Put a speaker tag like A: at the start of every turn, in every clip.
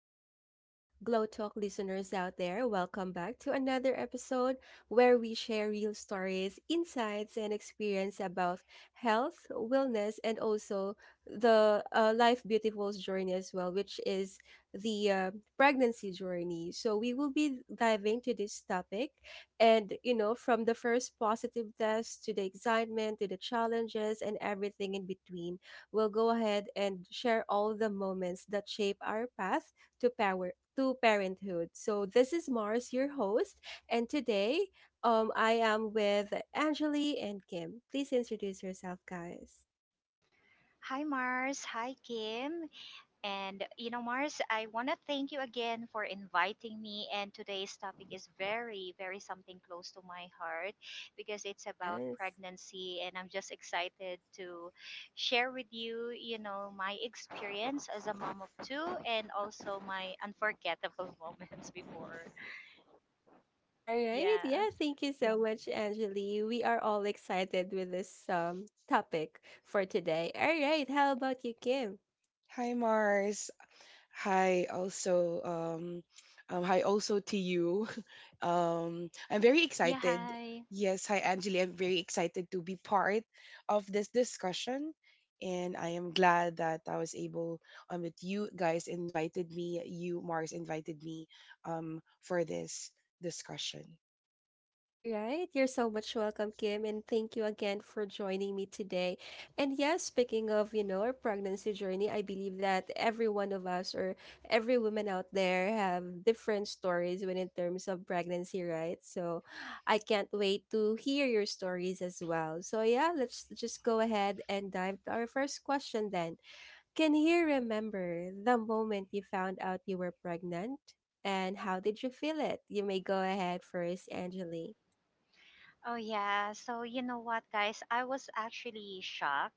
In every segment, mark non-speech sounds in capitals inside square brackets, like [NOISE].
A: to our Glow Talk listeners out there. Welcome back to another episode where we share real stories, insights, and experience about health, wellness, and also the Life Beautiful's journey as well, which is the pregnancy journey. So, we will be diving to this topic, and you know, from the first positive test to the excitement to the challenges and everything in between. We'll go ahead and share all the moments that shape our path to power to parenthood. So this is Mars, your host, and today I am with Angeli and Kim. Please introduce yourself, guys.
B: Hi, Mars. Hi, Kim. And, you know, Mars, I want to thank you again for inviting me. And today's topic is very, very something close to my heart because it's about
A: Yes.
B: pregnancy. And I'm just excited to share with you, my experience as a mom of two and also my unforgettable [LAUGHS] moments before.
A: All right.
B: Yeah.
A: Yeah, thank you so much, Angeli. We are all excited with this topic for today. All right, how about you, Kim?
B: Yeah. Hi.
A: All right. You're so much welcome, Kim, and thank you again for joining me today. And yes, speaking of, you know, our pregnancy journey, I believe that every one of us or every woman out there have different stories when in terms of pregnancy, right? So I can't wait to hear your stories as well. So yeah, let's just go ahead and dive to our first question then. Can you remember the moment you found out you were pregnant? And how did you feel it? You may go ahead first, Angeli.
B: Oh yeah. So you know what, guys? I was actually shocked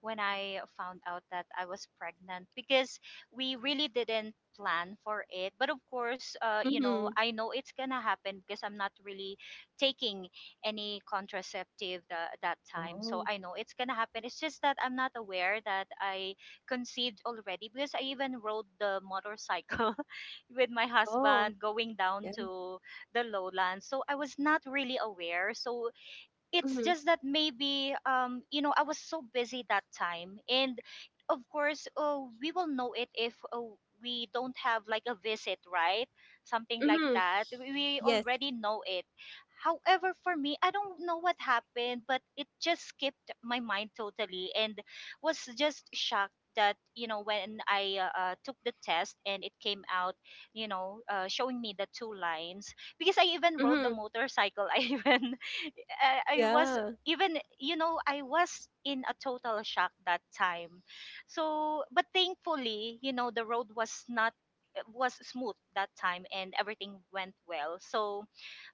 B: when I found out that I was pregnant because we really didn't plan for it. But of course, you know,
A: Mhm.
B: I know it's gonna happen because I'm not really taking any contraceptive that time. So
A: Oh.
B: I know it's gonna happen. It's just that I'm not aware that I conceived already because I even rode the motorcycle [LAUGHS] with my
A: Oh,
B: husband going down
A: yeah.
B: to the lowlands. So I was not really aware. So it's
A: Mhm.
B: just that maybe you know I was so busy that time. And of course, we will know it if we don't have like a visit, right, something like
A: Mhm.
B: that, we
A: Yes.
B: already know it. However, for me, I don't know what happened, but it just skipped my mind totally, and was just shocked that, you know, when I took the test and it came out, you know, showing me the two lines. Because I even rode the
A: Mhm.
B: motorcycle [LAUGHS] I even I was
A: Yeah.
B: even, you know, I was in a total shock that time. So, but thankfully, you know, the road was not was smooth that time and everything went well. So,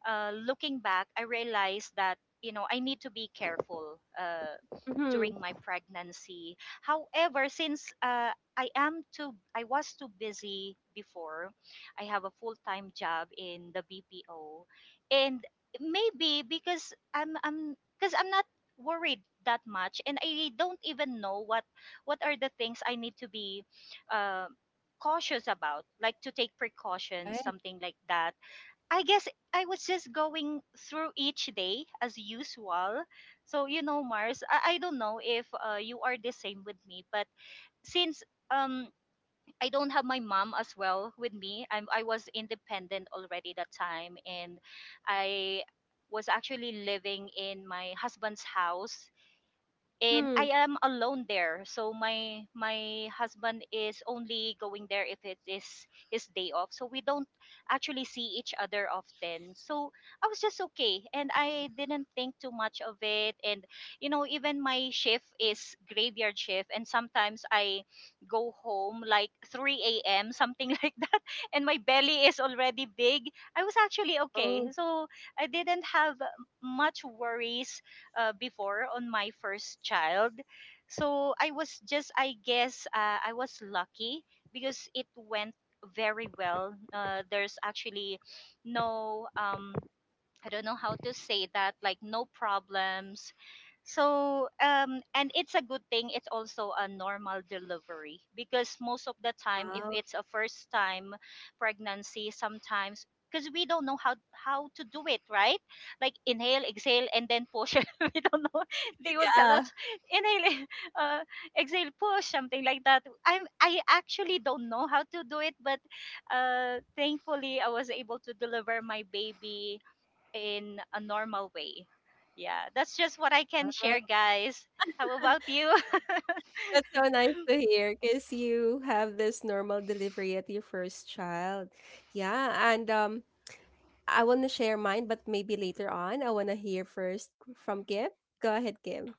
B: looking back, I realized that you know I need to be careful
A: Mhm.
B: during my pregnancy. However, since I was too busy before. I have a full time job in the BPO, and maybe because I'm not worried that much, and I don't even know what are the things I need to be. Uh, cautious about, like to take precautions,
A: Right.
B: something like that. I guess I was just going through each day as usual. So you know, Mars, I don't know if you are the same with me, but since um I don't have my mom as well with me, I was independent already that time, and I was actually living in my husband's house and
A: Mhm.
B: I am alone there. So my husband is only going there if it is his day off. So we don't actually see each other often. So I was just okay and I didn't think too much of it. And you know, even my shift is graveyard shift and sometimes I go home like 3 a.m. something [LAUGHS] like that, and my belly is already big. I was actually okay.
A: Oh,
B: So I didn't have much worries before on my first child. So I was just, I guess, I was lucky because it went very well. There's actually no I don't know how to say that, like no problems. So, and it's a good thing. It's also a normal delivery because most of the time, if
A: wow.
B: it's a first time pregnancy, sometimes because we don't know how to do it, right? Like inhale, exhale, and then push. [LAUGHS] We don't know. They will tell
A: Yeah.
B: us inhale, [LAUGHS] uh, exhale, push, something like that. I actually don't know how to do it, but thankfully I was able to deliver my baby in a normal way. Yeah, that's just what I can share,
A: Oh,
B: guys. How about
A: [LAUGHS]
B: you? [LAUGHS]
A: that's so nice to hear because you have this normal delivery at your first child. Yeah, and I want to share mine, but maybe later on. I want to hear first from Kim. Go ahead, Kim.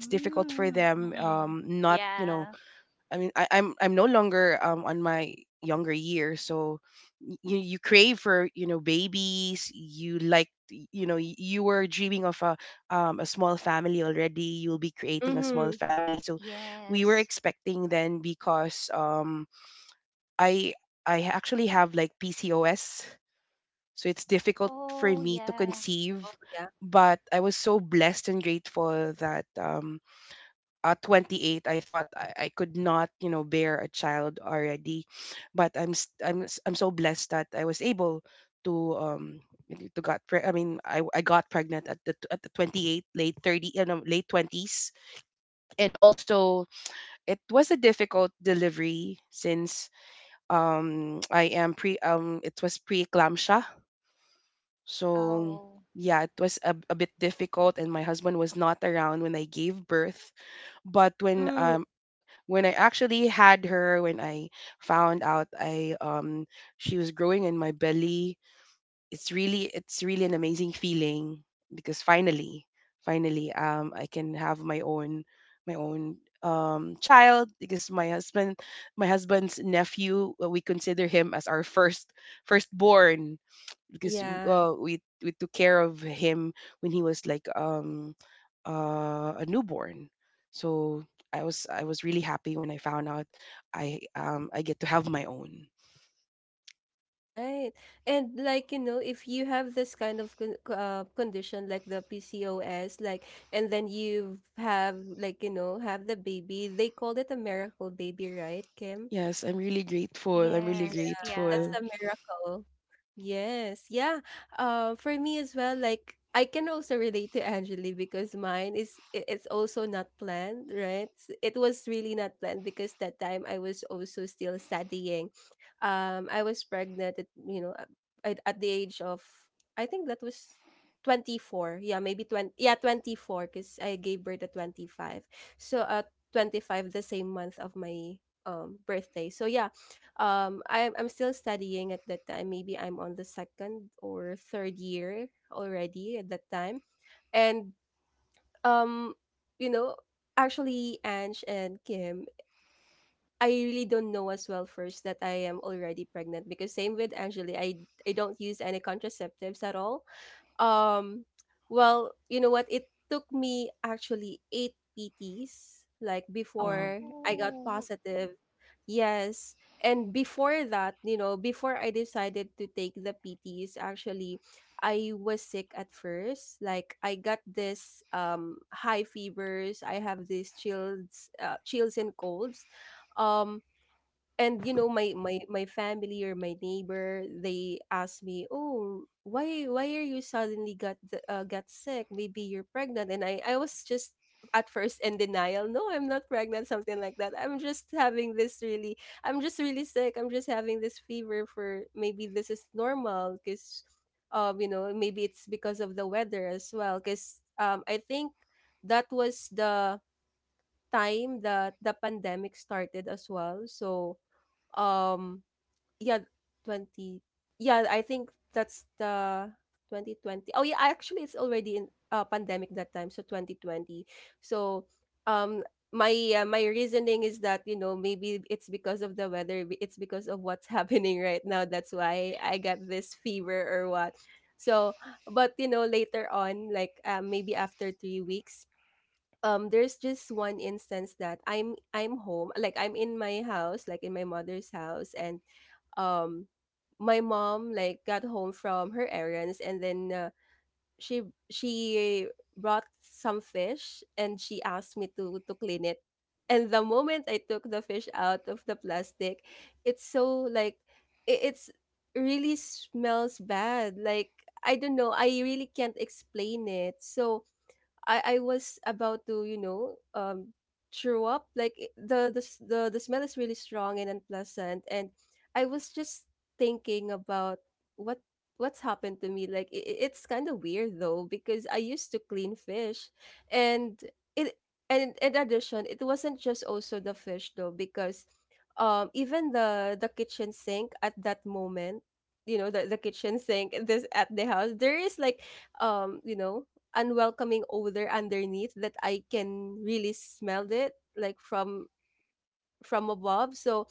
B: Mm, mm-mm. Yeah.
A: Mhm.
B: Yes. Oh, yeah.
A: Oh, yeah.
B: Oh,
A: Mm. Yes. Right. And like, you know, if you have this kind of condition like the PCOS, like, and then you have like, you know, have the baby, they called it a miracle baby, right, Kim?
B: yes.
A: That's
B: Yeah.
A: a miracle. Yes. Yeah. For me as well, like I can also relate to Angeli because mine it's also not planned, right? It was really not planned because that time I was also still studying. I was pregnant at, you know, at the age of I think that was 24. Yeah, maybe 20 yeah, 24 cuz I gave birth at 25. So at 25 the same month of my birthday. So yeah, I'm still studying at that time. Maybe I'm on the second or third year already at that time. And um, you know, actually, Ange and Kim, I really don't know as well first that I am already pregnant because same with Angeli, I don't use any contraceptives at all. Um, well, you know what? It took me actually eight PTs, like before I got
B: Oh,
A: positive. Yes. And before that, you know, before I decided to take the PTs, actually, I was sick at first. Like I got this high fevers. I have these chills, chills and colds. Um, and you know my family or my neighbor, they ask me, oh, why are you suddenly got got sick, maybe you're pregnant? And I was just at first in denial, no, I'm not pregnant, something like that, I'm just having this really, I'm just really sick, I'm just having this fever for, maybe this is normal because you know, maybe it's because of the weather as well because I think that was the time that the pandemic started as well. So um, yeah, 20. Yeah, I think that's the 2020. Oh yeah, actually it's already in pandemic that time, so 2020. So, um my my reasoning is that, you know, maybe it's because of the weather, it's because of what's [LAUGHS] happening right now. That's why I got this fever or what. So, but you know, later on, like maybe after 3 weeks, there's just one instance that I'm home, like I'm in my house, like in my mother's house. And um my mom, like, got home from her errands, and then she she brought some fish, and she asked me to clean it. And the moment I took the fish out of the plastic, it's so like, it's really smells bad, like, I don't know, I really can't explain it. So I was about to, you know, throw up, like, the smell is really strong and unpleasant. And I was just thinking about what what's happened to me, like it's kind of weird though, because I used to clean fish. And it, and in addition, it wasn't just also the fish though, because even the kitchen sink at that moment, you know, the kitchen sink in this at the house, there is like you know, unwelcoming odor underneath that I can really smell it, like from above. So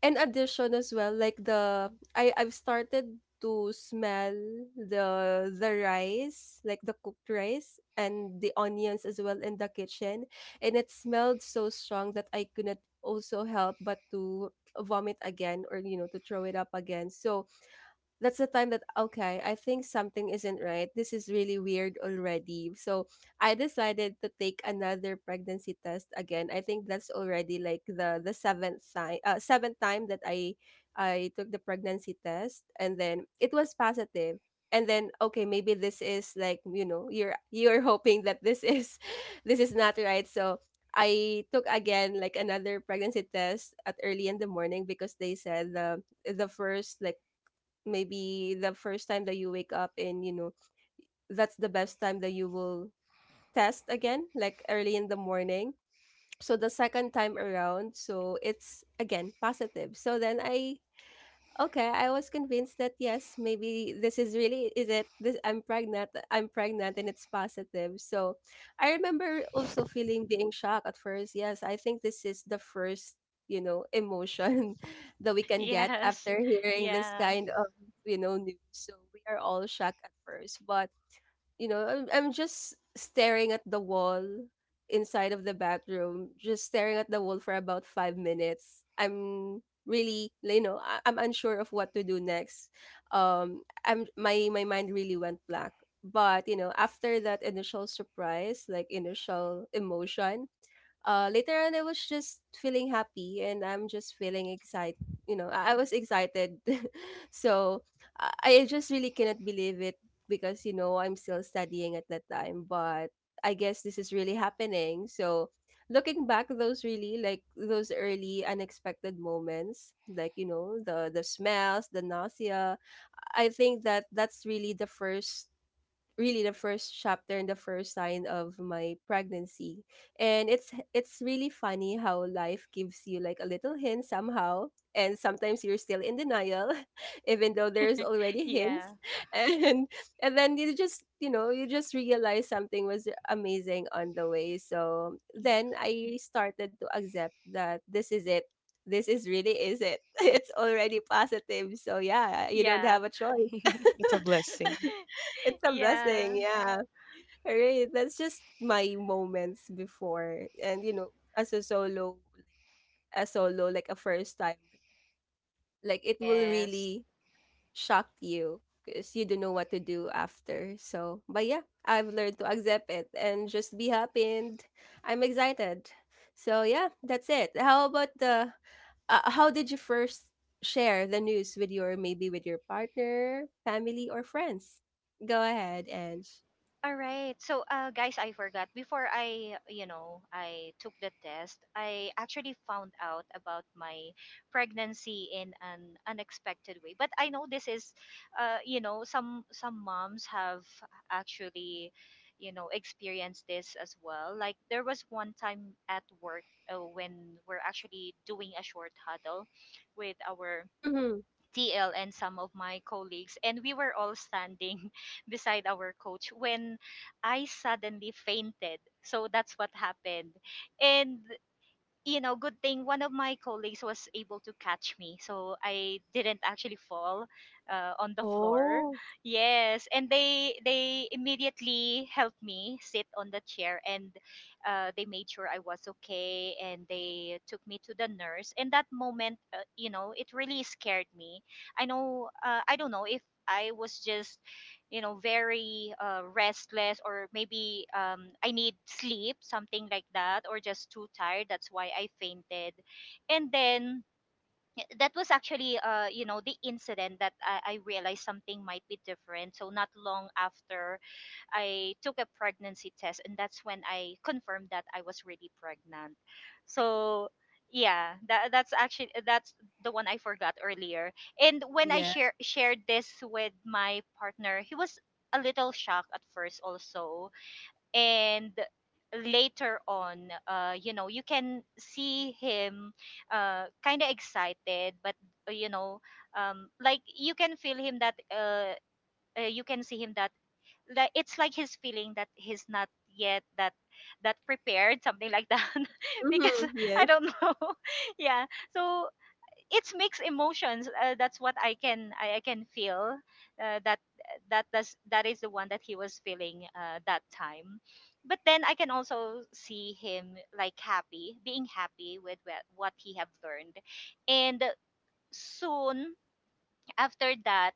A: in addition as well, like the I I've started to smell the rice, like the cooked rice and the onions as well in the kitchen. And it smelled so strong that I couldn't also help but to vomit again, or you know, to throw it up again. So that's the time that, okay, I think something isn't right, this is really weird already. So I decided to take another pregnancy test again. I think that's already like the seventh time, seventh time that I took the pregnancy test, and then it was positive. And then, okay, maybe this is like, you know, you're [LAUGHS] hoping that this is [LAUGHS] this is not right. So I took again, like, another pregnancy test at early in the morning, because they said the first, like, maybe the first time that you wake up, and you know, that's the best time that you will test again, like early in the morning. So the second time around, so it's again positive. So then I okay, I was convinced that yes, maybe this is really is it, this, I'm pregnant, I'm pregnant, and it's positive. So I remember also feeling being shocked at first. Yes, I think this is the first, you know, emotion [LAUGHS] that we
B: [LAUGHS]
A: can get
B: yes.
A: after hearing this
B: Yeah.
A: kind of, you know, news. So we are all shocked at first. But you know I'm just staring at the wall inside of the bathroom, just staring at the wall for about 5 minutes. I'm really, you know, I'm unsure of what to do next. I'm my my mind really went black. But you know, after that initial surprise, like initial emotion, later on, I was just feeling happy, and I'm just feeling excited. You know, I was excited. [LAUGHS] So I just really cannot believe it, because, you know, I'm still studying at that time. But I guess this is really happening. So looking back, those really, like those early unexpected moments, like, you know, the smells, the nausea, I think that that's really the first, really the first chapter and the first sign of my pregnancy. And it's really funny how life gives you like a little hint somehow, and sometimes you're still in denial [LAUGHS] even though there's already
B: Yeah.
A: hints. [LAUGHS] and and then you just, you know, you just realize something was amazing on the way. So then I started to accept that this is it, this is really is it. [LAUGHS] It's already positive, so yeah, you don't
B: Yeah.
A: have a choice. [LAUGHS] It's a
B: Yeah.
A: blessing, yeah. Alright, that's just my moments before. And you know, as a solo, a solo, like a first time, like it will
B: Yes.
A: really shock you because you don't know what to do after. So, but yeah, I've learned to accept it and just be happy, and I'm excited. So, yeah, that's it. How about the how did you first share the news with your, maybe with your partner, family, or friends? Go ahead, Ange.
B: All right. So, guys, I forgot. Before I, you know, I took the test, I actually found out about my pregnancy in an unexpected way. But I know this is, you know, some moms have actually, you know, experienced this as well. Like there was one time at work when we're actually doing a short huddle with our TL and some of my colleagues, and we were all standing [LAUGHS] beside our coach when I suddenly fainted. So that's what happened. And you know, good thing one of my colleagues was able to catch me, so I didn't actually fall on the floor.
A: Oh,
B: Yes, and they immediately helped me sit on the chair, and they made sure I was okay, and they took me to the nurse. And that moment, you know, it really scared me. I know, I don't know if I was just, you know, very restless, or maybe I need sleep, something like that, or just too tired, that's why I fainted. And then that was actually, you know, the incident that I realized something might be different. So not long after, I took a pregnancy test, and that's when I confirmed that I was really pregnant. So yeah, that's the one I forgot earlier. And when
A: yeah.
B: shared this with my partner, he was a little shocked at first also, and later on you know you can see him kind of excited. But you know, like you can feel him that you can see him that, like, it's like he's feeling that he's not yet that prepared, something like that, [LAUGHS] because
A: Mhm,
B: I
A: yes.
B: don't know. [LAUGHS] Yeah. So it's mixed emotions, that's what I can I can feel uh, that that is the one that he was feeling that time. But then I can also see him like happy, being happy with wha- what he have learned. And soon after that,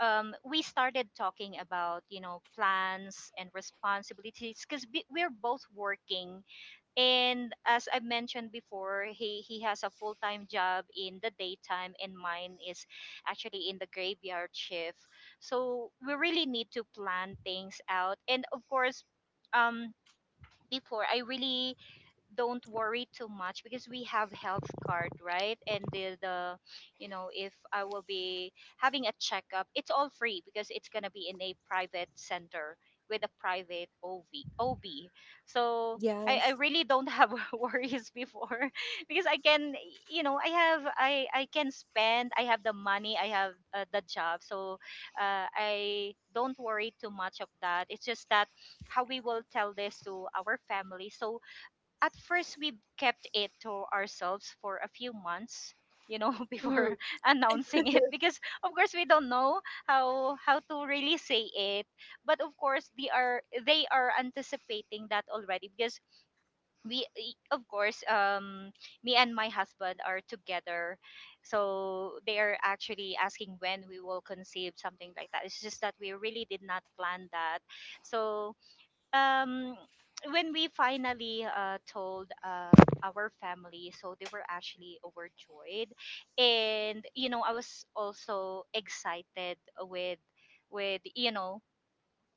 B: we started talking about you know plans and responsibilities because we're both working. And as I mentioned before, he has a full time job in the daytime, and mine is actually in the graveyard shift. So we really need to plan things out. And of course, um, before I really don't worry too much because we have health card, right, and the you know if I will be having a checkup it's all free because it's going to be in a private center with a private OB. So I
A: Yes.
B: really don't have [LAUGHS] worries before [LAUGHS] because I can, you know, I can spend, I have the money, I have the job. So I don't worry too much of that. It's just that how we will tell this to our family. So at first we kept it to ourselves for a few months, you know, [LAUGHS]
A: Mhm.
B: before [LAUGHS] announcing it,
A: [LAUGHS]
B: because of course we don't know how to really say it. But of course they are anticipating that already because of course me and my husband are together, so they are actually asking when we will conceive, something like that. It's just that we really did not plan that. So um when we finally told our family, so they were actually overjoyed. And you know I was also excited with you know,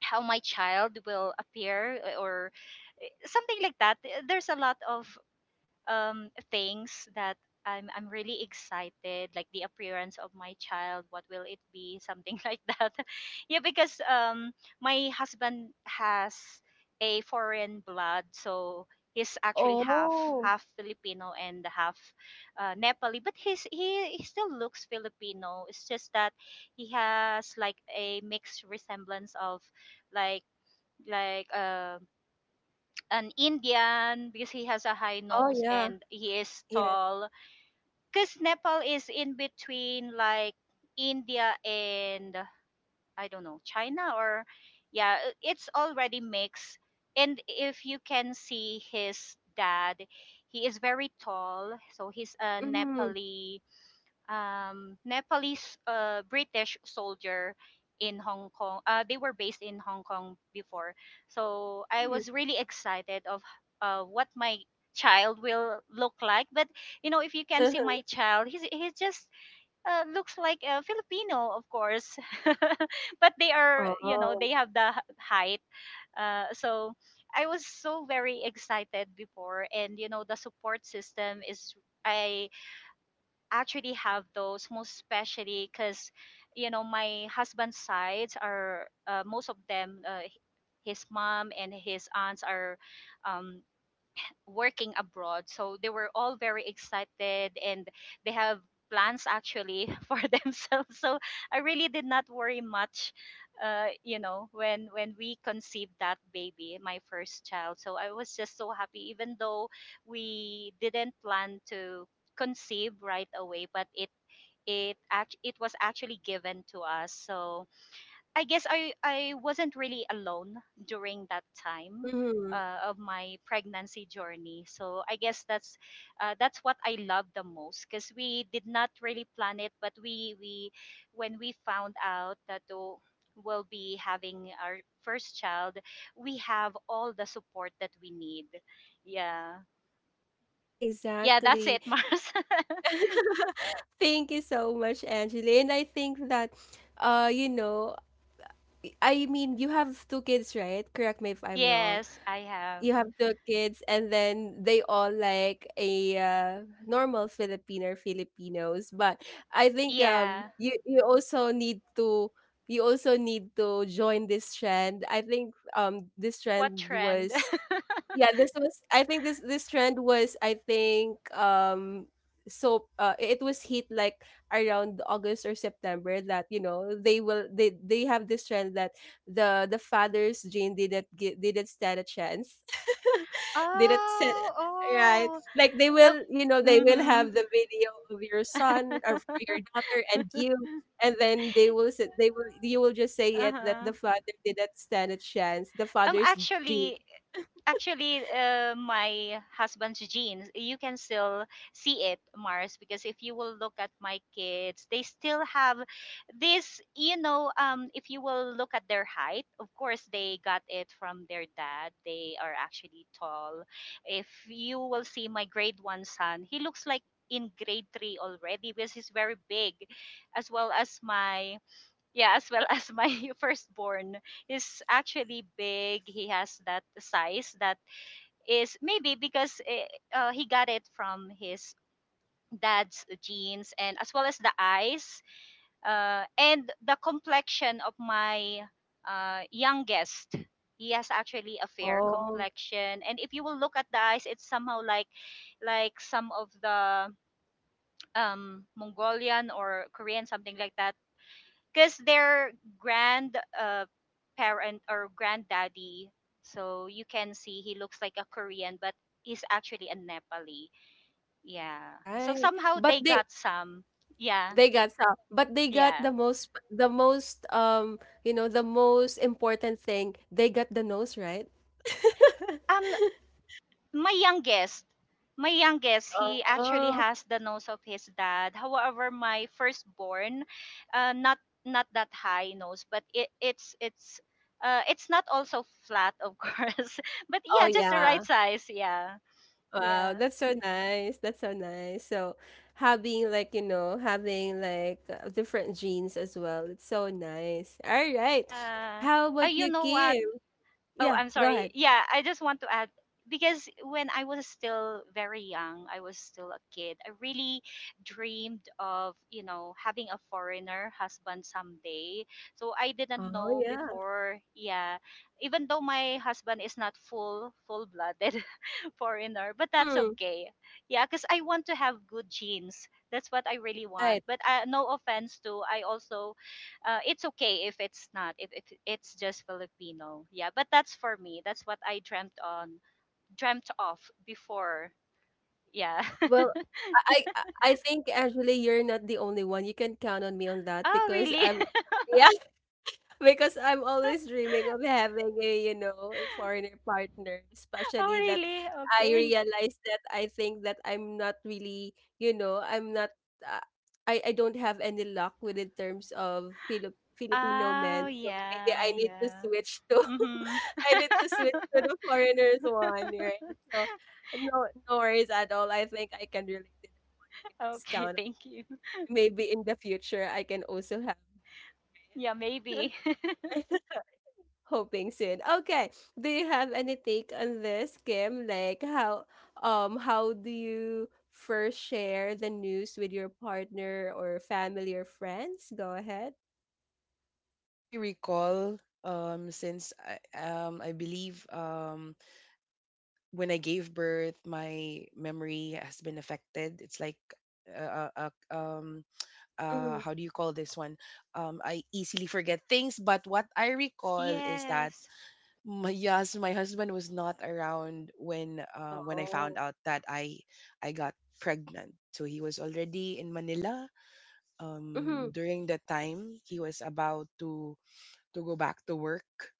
B: how my child will appear or something like that. There's a lot of things that I'm really excited, like the appearance of my child, what will it be, something [LAUGHS] like that. Yeah, because my husband has a foreign blood, so he's actually
A: Oh.
B: half Filipino and half Nepali, but he still looks Filipino. It's just that he has like a mixed resemblance of, like like um an Indian, because he has a high
A: Oh,
B: nose
A: yeah.
B: and he is
A: Yes.
B: tall. Because Nepal is in between like India and, I don't know, China or, yeah, I- it's already mixed. And if you can see his dad, he is very tall. So he's a
A: Mhm,
B: Nepali Nepalese British soldier in Hong Kong. They were based in Hong Kong before, so I
A: mhm.
B: was really excited of what my child will look like. But you know, if you can see
A: Uh-huh. [LAUGHS]
B: my child, he just looks like a Filipino, of course. [LAUGHS] But they are, you know,
A: Oh.
B: they have the h- height. So I was so very excited before. And you know, the support system is. I actually have those, most especially because you know my husband's sides are, most of them his mom and his aunts are um, working abroad. So they were all very excited, and they have plans actually [LAUGHS] for themselves. So I really did not worry much, you know, when we conceived that baby, my first child. So I was just so happy, even though we didn't plan to conceive right away, but it was actually given to us. So I guess I wasn't really alone during that time
A: Mhm.
B: of my pregnancy journey. So I guess that's what I love the most because we did not really plan it, but we when we found out that oh, we'll be having our first child, we have all the support that we need. Yeah, yeah, that's
A: Exactly.
B: it, [LAUGHS] Mars.
A: Thank you so much, Angeli. And I think that, you know, I mean, you have two kids, right? Correct me if I'm wrong.
B: Yes, I have.
A: You have two kids, and then they all like a normal Filipino or Filipinos. But I think
B: Yeah,
A: you also need to, you also need to join this trend. I think this
B: what
A: trend
B: trend? [LAUGHS]
A: was, yeah, this was, I think this trend was, I think so it was hit like around August or September, that, you know, they have this trend that the father's gene didn't stand a chance, [LAUGHS] did it say? Right.
B: Oh,
A: Like they
B: Oh,
A: will, you know, they will
B: mhm.
A: have the video of your son or your
B: [LAUGHS]
A: daughter and you, and then they will say, they will you will just say it that
B: uh-huh.
A: the father didn't stand a chance. The
B: Um,
A: father's gene.
B: actually, actually, my husband's genes, you can still see it, Mars, because if you will look at my kids, they still have this, if you will look at their height, of course, they got it from their dad. They are actually tall. If you will see my grade one son, he looks like in grade three already because he's very big, as well as my yeah, as well as my [LAUGHS] firstborn is actually big. He has that size that is maybe because he got it from his dad's genes, and as well as the eyes, and the complexion of my youngest. He has actually a fair
A: Oh,
B: complexion, and if you will look at the eyes, it's somehow like some of the Mongolian or Korean, something like that because their grand parent or granddaddy. So you can see he looks like a Korean, but he's actually a Nepali. Yeah, so
A: right.
B: somehow
A: But
B: they
A: they
B: got some. Yeah,
A: they got some, but they got
B: yeah.
A: the most you know the most important thing. They got the nose, right. [LAUGHS]
B: um my youngest my youngest, he actually
A: Oh,
B: has the nose of his dad. However, my firstborn, uh, not not that high nose, but it, it's not also flat, of [LAUGHS] course. But
A: oh
B: yeah, just the right
A: yeah.
B: size. Yeah,
A: Wow,
B: yeah.
A: that's so nice. That's so nice. So having like, you know, having like different genes as well. It's so nice. All right.
B: Yeah.
A: How about
B: You
A: you,
B: know what?
A: Kim?
B: Oh,
A: Yeah,
B: I'm
A: go
B: sorry.
A: ahead.
B: Yeah, I just want to add, because when I was still very young, I was still a kid. I really dreamed of having a foreigner husband someday. So I didn't
A: Oh,
B: know
A: yeah.
B: before, yeah, even though my husband is not full blooded foreigner, but that's
A: Mhm.
B: okay. Yeah, because I want to have good genes. That's what I really want.
A: Right.
B: But no offense to, I also, it's okay if it's not, if it's just Filipino. Yeah, but that's for me. That's what I dreamt of before. Yeah.
A: Well, I I I think actually you're not the only one. You can count on me on that
B: [LAUGHS] Oh,
A: because
B: really?
A: I'm
B: [LAUGHS]
A: [LAUGHS] yeah. Because I'm always dreaming of having a foreigner partner,
B: Oh,
A: especially that
B: really?
A: I
B: Okay.
A: realize that I think that I'm not really, I'm not, uh, I don't have any luck with in terms of Filipino
B: Oh,
A: men. So maybe
B: yeah,
A: I need to
B: yeah.
A: switch to,
B: Mm-hmm.
A: [LAUGHS] I need to switch to
B: [LAUGHS]
A: the foreigners one, right? So no, no worries at all. I think I can relate it. I can just
B: Okay,
A: count.
B: thank you.
A: Maybe in the future, I can also have
B: Yeah, maybe.
A: it. [LAUGHS] Hoping soon. Okay. Do you have any take on this, Kim? Like, how do you first share the news with your partner or family or friends? Go ahead.
C: Really recall since I believe when I gave birth, my memory has been affected. It's like uh, uh, uh, um
A: Mm-hmm.
C: how do you call this one? I easily forget things, but what I
B: [LAUGHS]
C: recall is that
B: Yes.
C: my, yes, my husband was not around when when I found
A: Oh.
C: out that I got pregnant. So he was already in Manila.
A: Mm-hmm.
C: During that time, he was about to go back to work.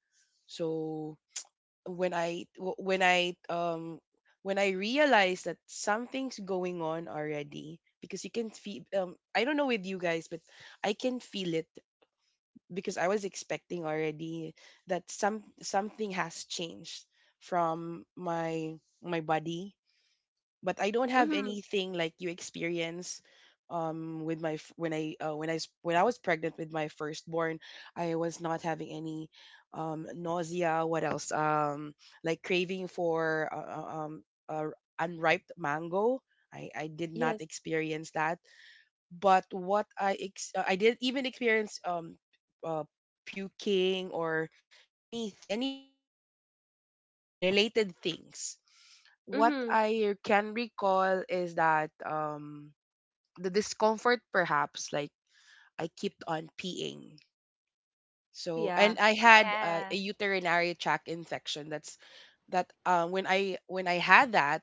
C: So when I w- when I realized that something's going on already, because you can feel, I don't know with you guys, but I can feel it, because I was expecting already that something has changed from my body. But I don't have
A: Mm-hmm.
C: anything like you experience. Um with my f- when I s- when I was pregnant with my firstborn, I was not having any nausea. What else? Like craving for unripe mango. I did not
A: Yes.
C: experience that. But I did even experience uh, puking or any related any related things. What
A: Mm-hmm.
C: I can recall is that the discomfort perhaps. Like, I kept on peeing.
A: Oh
C: So, and
A: yeah.
C: I
A: Yeah.
C: had
B: Yeah.
C: a urinary tract infection. That's that When I, when I had that,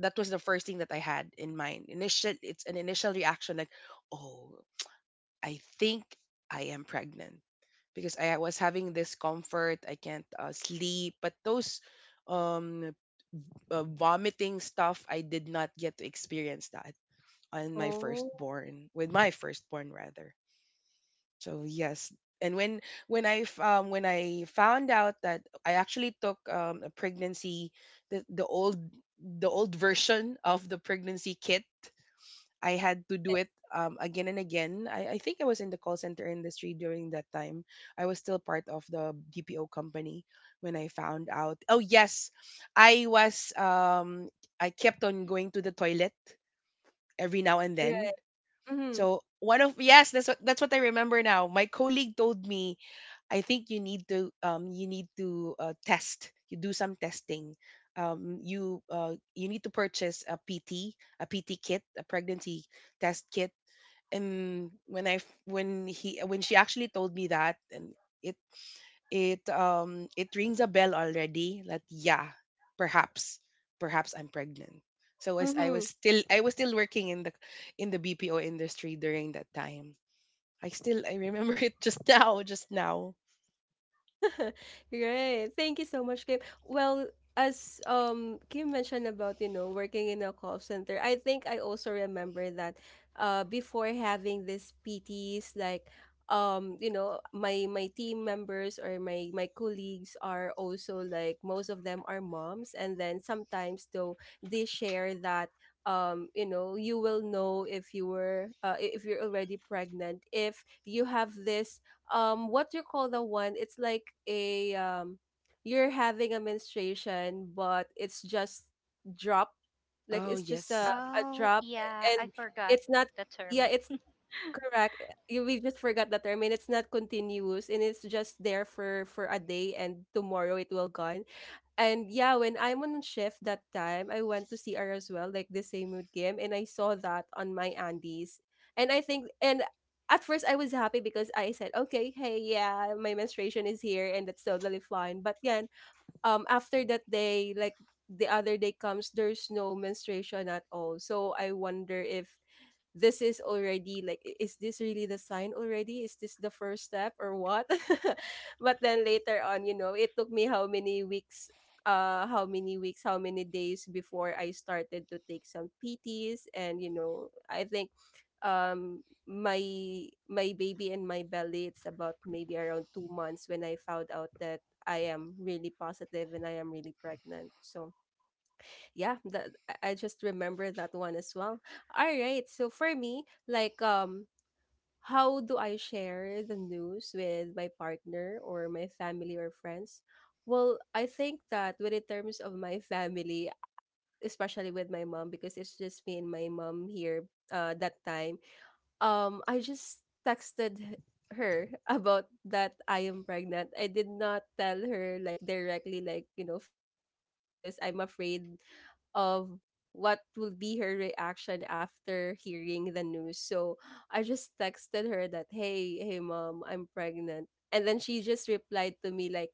C: that was the first thing that I had in mind. Initial It's an initial reaction, like, oh, I think I am pregnant, because I was having discomfort. I can't sleep. But those um, vomiting stuff, I did not get to experience that on my
A: Oh.
C: firstborn, with my firstborn rather. So yes, and when I found out, that I actually took a pregnancy, the old the old version of the pregnancy kit, I had to do
A: Yes.
C: it, again and again. I think I was in the call center industry during that time. I was still part of the DPO company when I found out. Oh yes, I was. I kept on going to the toilet every now and then.
A: Right. Mm-hmm.
C: So, one of, yes, that's what I remember now. My colleague told me, I think you need to, you need to test. You do some testing. You you need to purchase a PT, a PT kit, a pregnancy test kit. And when I f- when he when she actually told me that, and it it rings a bell already, that, yeah, perhaps perhaps I'm pregnant. So, as
A: Mm-hmm.
C: I was still working in the BPO industry during that time. I remember [LAUGHS] it just now, just now.
A: [LAUGHS] Right. Thank you so much, Kim. Well, as Kim mentioned about, you know, working in a call center, I think I also remember that before having this PTs, like, my team members or my colleagues are also, like, most of them are moms, and then sometimes though they share that, you will know if if you're already pregnant, if you have this, what you call the one, it's like a, you're having a menstruation, but it's just drop, like
C: Oh
A: it's just
C: yes.
A: a
B: Oh,
A: drop,
B: yeah, I
A: and
B: forgot
A: it's not,
B: the
A: yeah,
B: term.
A: it's correct. We just forgot the term, and it's not continuous, and it's just there for a day, and tomorrow it will gone. And yeah, when I'm on shift that time, I went to CR as well, like the same with Kim, and I saw that on my Andes. And I think, and at first I was happy because I said, okay, hey, yeah, my menstruation is here, and that's totally fine. But yeah, after that day, like the other day comes, there's no menstruation at all. So I wonder if this is already like, is this really the sign already, is this the first step or what? [LAUGHS] But then later on, it took me how many weeks, how many weeks, how many days before I started to take some PTs. And I think, my baby in my belly, it's about maybe around 2 months when I found out that I am really positive and I am really pregnant. So yeah, that I just remember that one as well. All right, so for me, like, how do I share the news with my partner or my family or friends? Well, I think that when in terms of my family, especially with my mom, because it's just me and my mom here that time, I just texted her [LAUGHS] about that I am pregnant. I did not tell her like directly, like, face to face, because I'm afraid of what will be her reaction after hearing the news. So I just texted her that, "Hey, hey mom, I'm pregnant." And then she just replied to me, like,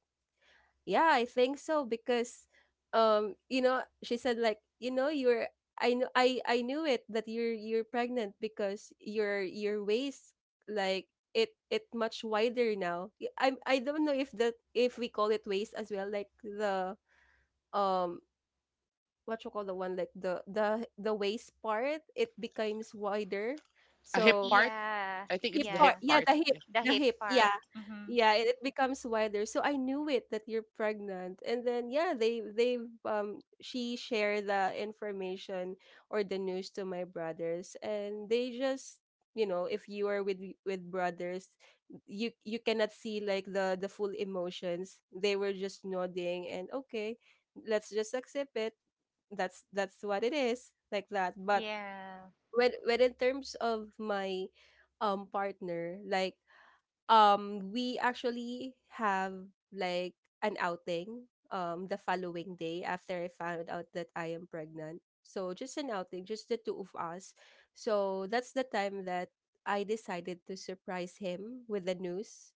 A: yeah, I think so because, she said, like, you're, I knew it that you're pregnant because your waist, like, it much wider now. I don't know if that if we call it waist as well, like the, um what you call the one, like the waist part, it becomes wider. So
B: Yeah,
A: hip part.
B: yeah,
A: Yeah, the hip.
B: the
A: The
B: hip
A: hip.
B: part.
A: Yeah.
B: Mm-hmm.
A: Yeah, it becomes wider. So I knew it that you're pregnant. And then, yeah, they she shared the information or the news to my brothers, and they just, if you are with with brothers, you cannot see like the full emotions. They were just nodding and okay, let's just accept it. That's what it is, like that. But
B: Yeah,
A: when in terms of my, partner, like, we actually have, like, an outing, the following day after I found out that I am pregnant. So just an outing, just the two of us. So that's the time that I decided to surprise him with the news.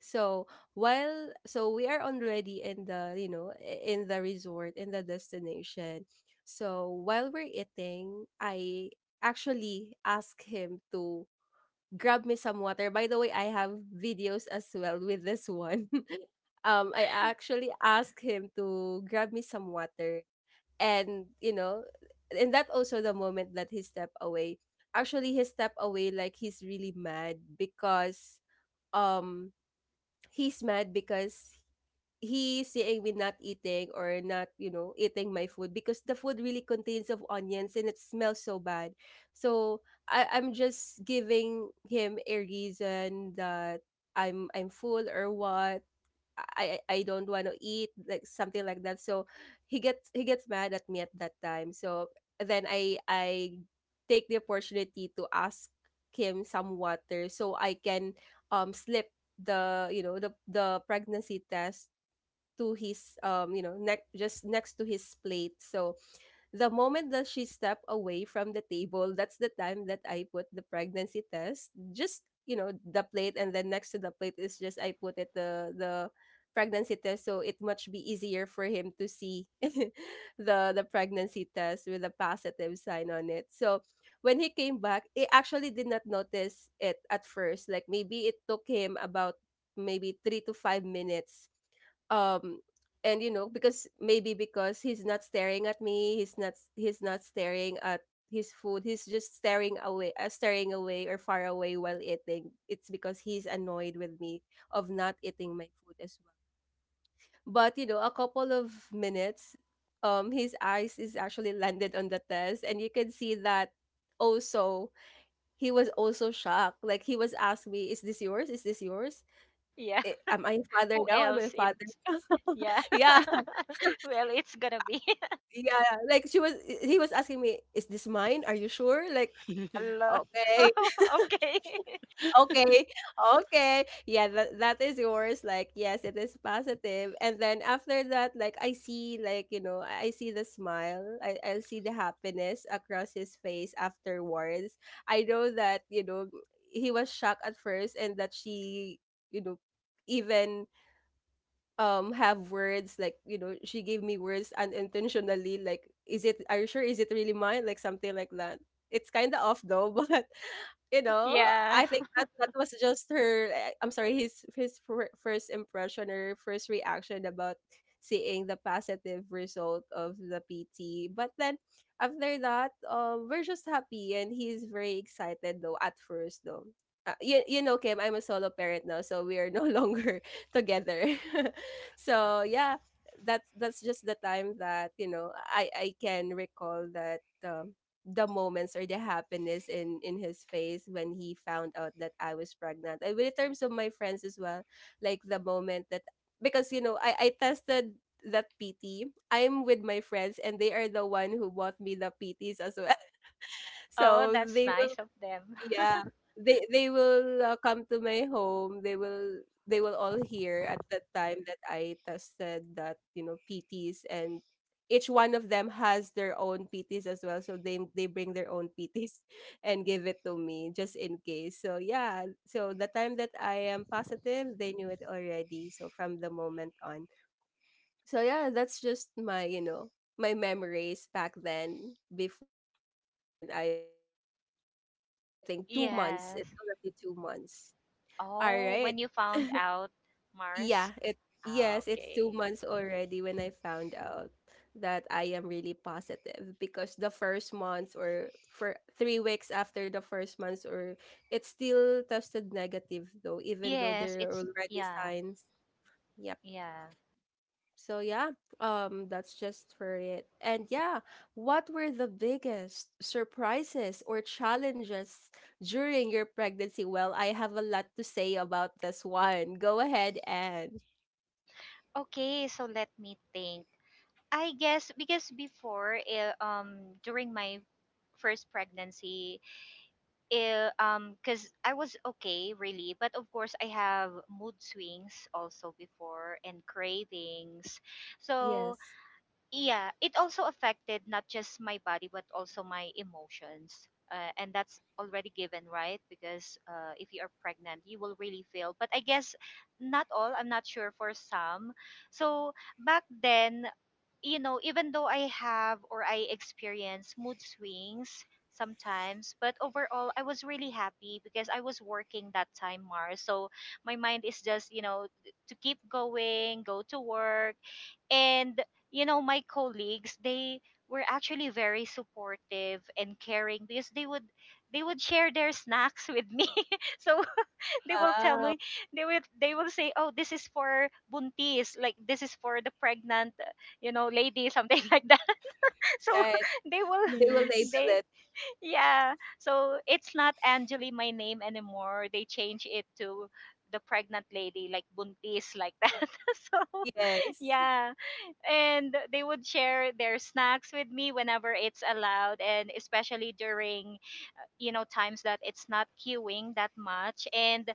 A: So while, we are already in the, resort in the destination. So while we're eating, I actually ask him to grab me some water. By the way, I have videos as well with this one. [LAUGHS] I actually asked him to grab me some water, and that also the moment that he stepped away. Actually, he stepped away like he's really mad because, um he's mad because he's saying we're not eating or not, you know, eating my food, because the food really contains of onions and it smells so bad. So I'm just giving him a reason that I'm full or what, I don't want to eat, like something like that. So he gets mad at me at that time. So then I take the opportunity to ask him some water so I can, slip the pregnancy test to his, neck, just next to his plate. So the moment that she stepped away from the table, that's the time that I put the pregnancy test. Just, the plate, and then next to the plate is just I put it, the pregnancy test, so it much be easier for him to see [LAUGHS] the pregnancy test with a positive sign on it. So when he came back, he actually did not notice it at first. Like, maybe it took him about maybe 3 to 5 minutes, um and, because maybe because he's not staring at me, he's not, staring at his food, he's just staring away, staring away or far away while eating. It's because he's annoyed with me of not eating my food as well. But, a couple of minutes, his eyes is actually landed on the test, and you can see that also he was also shocked, like he was asking me, is this yours, is this yours?
B: [LAUGHS] yeah.
A: Eh, am I a father
B: Who
A: now, am I a
B: else?
A: father
B: It's
A: now?" [LAUGHS]
B: yeah.
A: Yeah.
B: [LAUGHS] Well, it's gonna be [LAUGHS]
A: Yeah, like she was he was asking me, "Is this mine? Are you sure?" Like,
C: [LAUGHS]
B: hello. [LAUGHS]
A: "Okay,
B: Oh, okay.
A: [LAUGHS] okay, okay. Yeah, that is yours." Like, "Yes, it is positive." And then after that, like, I see, like, I see the smile. I see the happiness across his face afterwards. I know that, he was shocked at first, and that she, you know, even, have words like, she gave me words unintentionally, like, is it, are you sure, is it really mine, like something like that, it's kind of off though. [LAUGHS] But, you
B: [LAUGHS]
A: know
B: Yeah.
A: I think that that was just her, I'm sorry, his first impression or first reaction about seeing the positive result of the PT. But then after that, we're just happy, and he's very excited though at first though, you know Kim, I'm a solo parent now, so we are no [LAUGHS] longer together. [LAUGHS] So yeah, that's just the time that, I can recall that, the moments or the happiness in his face when he found out that I was pregnant. And in terms of my friends as well, like the moment that, because, I tested that PT, I'm with my friends, and they are the one who bought me the PTs as well. [LAUGHS]
B: Oh,
A: So
B: that's
A: they will,
B: nice of them.
A: yeah,
B: [LAUGHS]
A: they will, come to my home. They will all hear at the time that I tested that, PTs, and each one of them has their own PTs as well. So they bring their own PTs [LAUGHS] and give it to me just in case. So yeah, so the time that I am positive, they knew it already. So from the moment on. So yeah, that's just my, my memories back then before, like when I was, it's I think 2 months. It's
B: Yes.
A: already 2 months. All
B: Oh,
A: right.
B: when you found out, Mars.
A: Yeah. It
B: Ah,
A: yes, it's two
B: okay.
A: months already when I found out that I am really positive because the first month or for 3 weeks after the first month or it's still tested negative though, even though
B: Yes,
A: there are
B: it's
A: already
B: yeah,
A: signs. Yeah.
B: yeah.
A: So yeah, that's just for it. And yeah, what were the biggest surprises or challenges during your pregnancy? Well, I have a lot to say about this one. Go ahead and
B: Okay, so let me think. I guess because before, during my first pregnancy, because I was okay, really, but of course I have mood swings also before and cravings. So
A: yes.
B: yeah, it also affected not just my body but also my emotions. And that's already given, right? Because if you are pregnant, you will really feel. But I guess not all. I'm not sure for some. So back then, even though I have or I experience mood swings sometimes, but overall I was really happy because I was working that time, Mars. So my mind is just to keep going, go to work. And my colleagues, they were actually very supportive and caring because they would share their snacks with me. [LAUGHS] So they will tell
A: Wow.
B: me they will say oh this is for buntis, like this is for the pregnant lady, something [LAUGHS] like that. So
A: Right.
B: [LAUGHS] they will
A: They will
C: Nice.
A: label
B: they
A: it.
B: yeah so it's not Angeli, my name, anymore. They change it to the pregnant lady, like buntis, like that. [LAUGHS] So
A: Yes.
B: yeah, and they would share their snacks with me whenever it's allowed, and especially during times that it's not queuing that much, and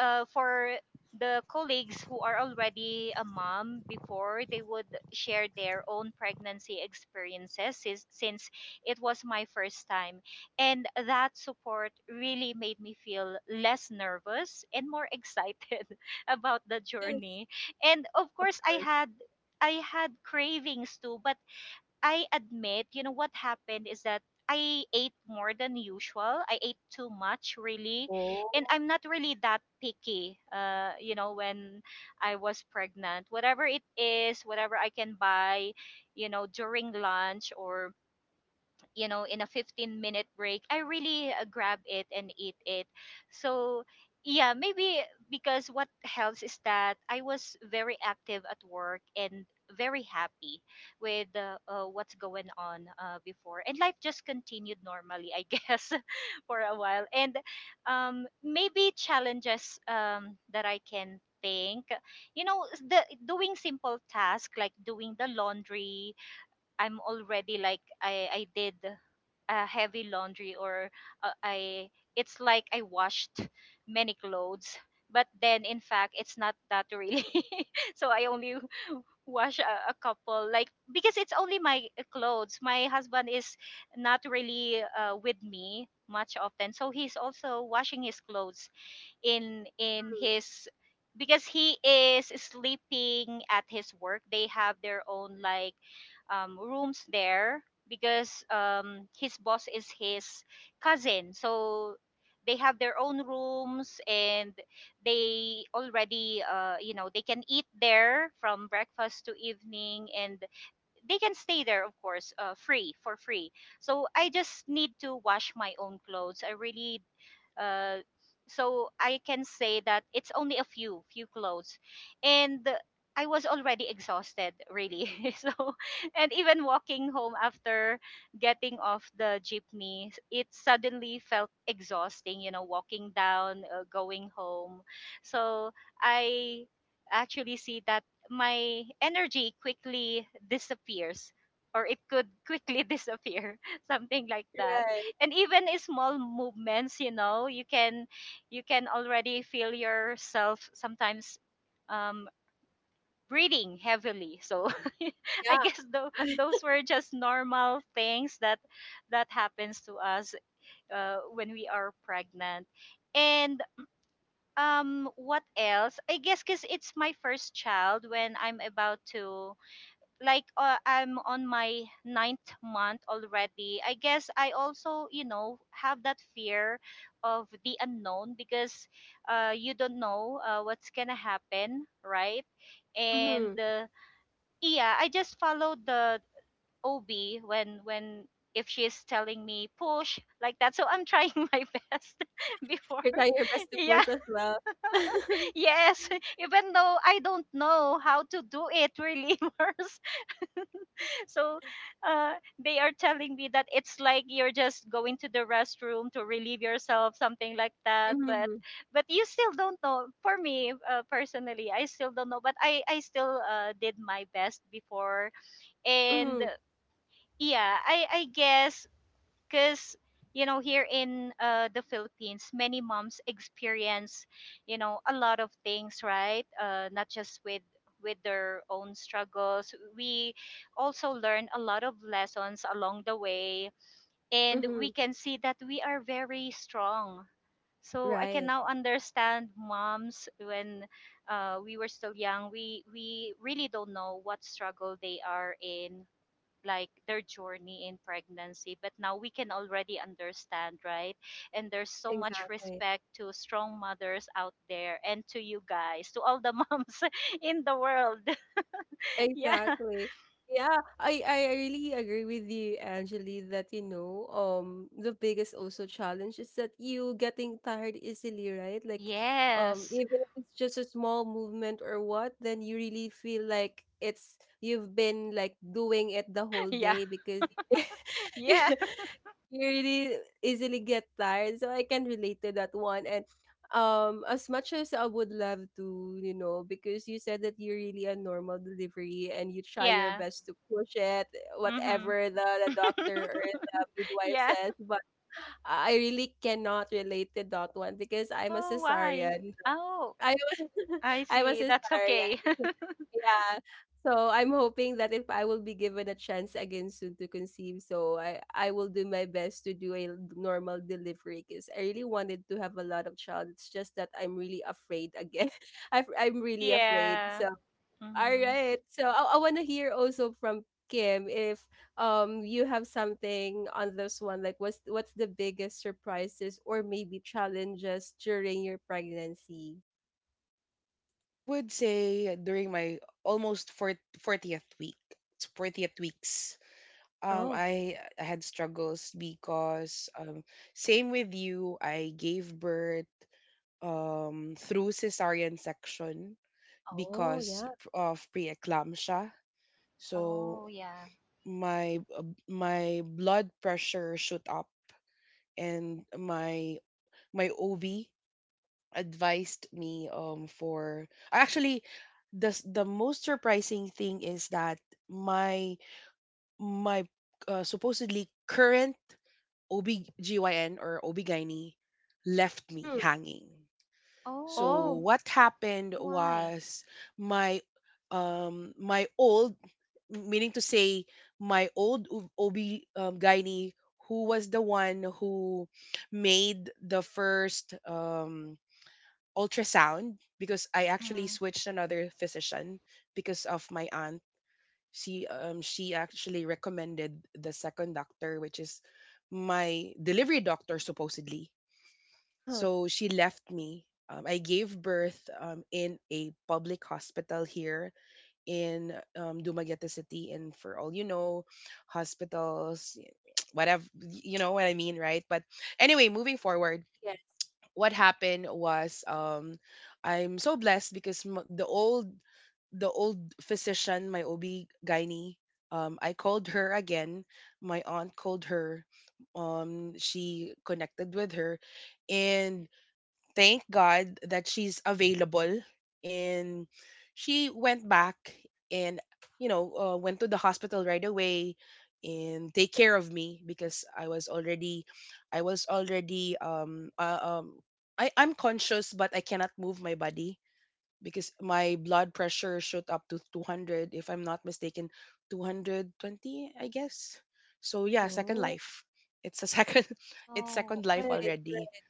B: for the colleagues who are already a mom before, they would share their own pregnancy experiences, since it was my first time, and that support really made me feel less nervous and more excited [LAUGHS] about the
A: Yes,
B: journey. And of
A: of
B: course, i
A: course.
B: had i had cravings too. But I admit, you know what happened is that I ate more than usual. I ate too much, really,
A: Oh.
B: and I'm not really that picky. When I was pregnant, whatever it is, whatever I can buy, during lunch, or in a 15-minute break I really grab it and eat it. So yeah, maybe because what helps is that I was very active at work and very happy with what's going on before. And life just continued normally, I guess, [LAUGHS] for a while. And maybe challenges that I can think you know s- the doing simple tasks, like doing the laundry. I'm already, like, I did a heavy laundry, or I it's like I washed many clothes, but then in fact it's not that really. [LAUGHS] So I only [LAUGHS] wash a couple, like, because it's only my clothes. My husband is not really with me much often, so he's also washing his clothes in
A: Mm,
B: his, because he is sleeping at his work. They have their own, like, rooms there because his boss is his cousin. So they have their own rooms, and they already they can eat there from breakfast to evening, and they can stay there, of course, free for free. So I just need to wash my own clothes. I really uh, so I can say that it's only a few clothes, and I was already exhausted, really. [LAUGHS] So, and even walking home after getting off the jeepney, it suddenly felt exhausting, walking down, going home. So
A: right.
B: I actually see that my energy quickly disappears, or it could quickly [LAUGHS] disappear, something like that.
A: Right.
B: And even small movements, you can already feel yourself sometimes um breathing heavily. So [LAUGHS] I guess
A: Yeah.
B: though,
A: [LAUGHS]
B: those were just normal things that happens to us when we are pregnant. And what else? I guess because it's my first child, when I'm about to, like, I'm on my ninth month already. I guess I also, have that fear of the unknown because you don't know what's gonna happen, right? And
A: Mm-hmm.
B: uh, yeah, I just followed the OB when, if she's telling me push, like that. So I'm trying [LAUGHS] my best [LAUGHS] before.
A: You're
B: [LAUGHS]
A: trying your best to
B: Yeah,
A: push as well. [LAUGHS]
B: yes. [LAUGHS] Even though I don't know how to do it really, [LAUGHS] Mars. So uh, they are telling me that it's like you're just going to the restroom to relieve yourself, something like that. But
A: Mm-hmm.
B: but you still don't know. For me, personally, I still don't know. But I still did my best before, and
A: Mm-hmm.
B: yeah, I guess because here in the Philippines, many moms experience, a lot of things, right? Not just with their own struggles, we also learn a lot of lessons along the way, and we
A: Mm-hmm.
B: can see that we are very strong. So I can
A: Right.
B: now understand moms when we were still young, we really don't know what struggle they are in, like their journey in pregnancy, but now we can already understand, right? And there's so much
A: Exactly.
B: respect to strong mothers out there and to you guys, to all the moms [LAUGHS] in the world. [LAUGHS] Yeah.
A: Exactly. Yeah, I really agree with you, Angeli, that you know, the biggest also challenge is that you getting tired easily, right? Like
B: Yes.
A: even if it's just a small movement or what, then you really feel like it's you've been like doing it the whole
B: Yeah,
A: day because
B: yeah,
A: [LAUGHS] you really easily get tired. So I can relate to that one. And as much as I would love to, you know, because you said that you're really a normal delivery and you try your
B: yeah.
A: best to push it,
B: Mhm.
A: whatever the doctor or
B: [LAUGHS]
A: the midwife
B: Yeah.
A: says, but I really cannot relate to that one because I'm a
B: Oh, why?
A: cesarean.
B: Oh,
A: I was [LAUGHS]
B: I
A: I was
B: see, that's okay.
A: historian. Yeah.
B: [LAUGHS]
A: Yeah. So I'm hoping that if I will be given a chance again soon to conceive, so I will do my best to do a normal delivery because I really wanted to have a lot of child. It's just that I'm really afraid again. [LAUGHS] I'm really afraid.
B: Yeah.
A: So all
B: Mhm.
A: right. So I want to hear also from Kim if you have something on this one like what's the biggest surprises or maybe challenges during your pregnancy?
C: I would say, during my almost 40th week, it's 40th weeks. Um,
A: Oh.
C: I I had struggles because, same with you, I gave birth through cesarean section
A: Oh,
C: because
A: yeah.
C: of preeclampsia. So
B: Oh yeah.
C: my my blood pressure shoot up, and my OB advised me, for, actually, the most surprising thing is that my my supposedly current OBGYN, or OBGYN, left me
A: Mhm.
C: hanging. So
B: Oh,
A: Oh.
C: what happened
B: why?
C: was, my my old, meaning to say, my old OB, gynae, who was the one who made the first ultrasound, because I actually
B: Mhm.
C: switched another physician because of my aunt. She actually recommended the second doctor, which is my delivery doctor supposedly.
A: Uh-huh.
C: So she left me. I gave birth in a public hospital here in Dumaguete City, and, for all you know, hospitals, whatever, you know what I mean, right? But anyway, moving forward,
A: Yes.
C: what happened was, I'm so blessed, because the old the old physician, my OB gynae, I called her again. My aunt called her. She connected with her, and thank God that she's available, and she went back, and, you know, went to the hospital right away and take care of me, because I was already I, I'm conscious, but I cannot move my body, because my blood pressure shot up to 200, if I'm not mistaken, 220 I guess. So yeah, second
A: Oh,
C: life. It's a second, [LAUGHS] it's
B: Oh,
C: second life
A: right,
B: oh.
C: already.
A: right.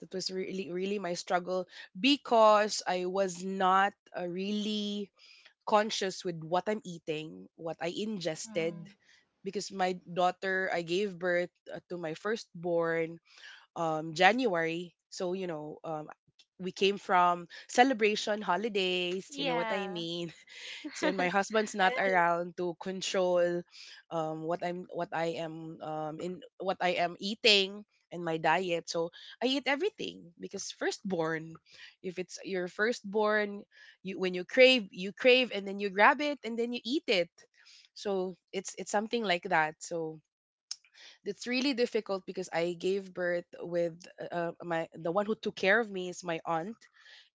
C: That was really, really my struggle, because I was not, really conscious with what I'm eating, what I ingested.
B: Mm-hmm.
C: Because my daughter, I gave birth to my firstborn January. So, you know, we came from celebration holidays, you know what I
B: Yeah.
C: mean? And my
B: [LAUGHS]
C: husband's
A: Yeah.
C: not around to control, what I am, in what I am eating, and my diet. So I eat everything, because firstborn, if it's your firstborn, you when you crave, you crave, and then you grab it, and then you eat it. So it's something like that. So it's really difficult, because I gave birth with, my, the one who took care of me is my aunt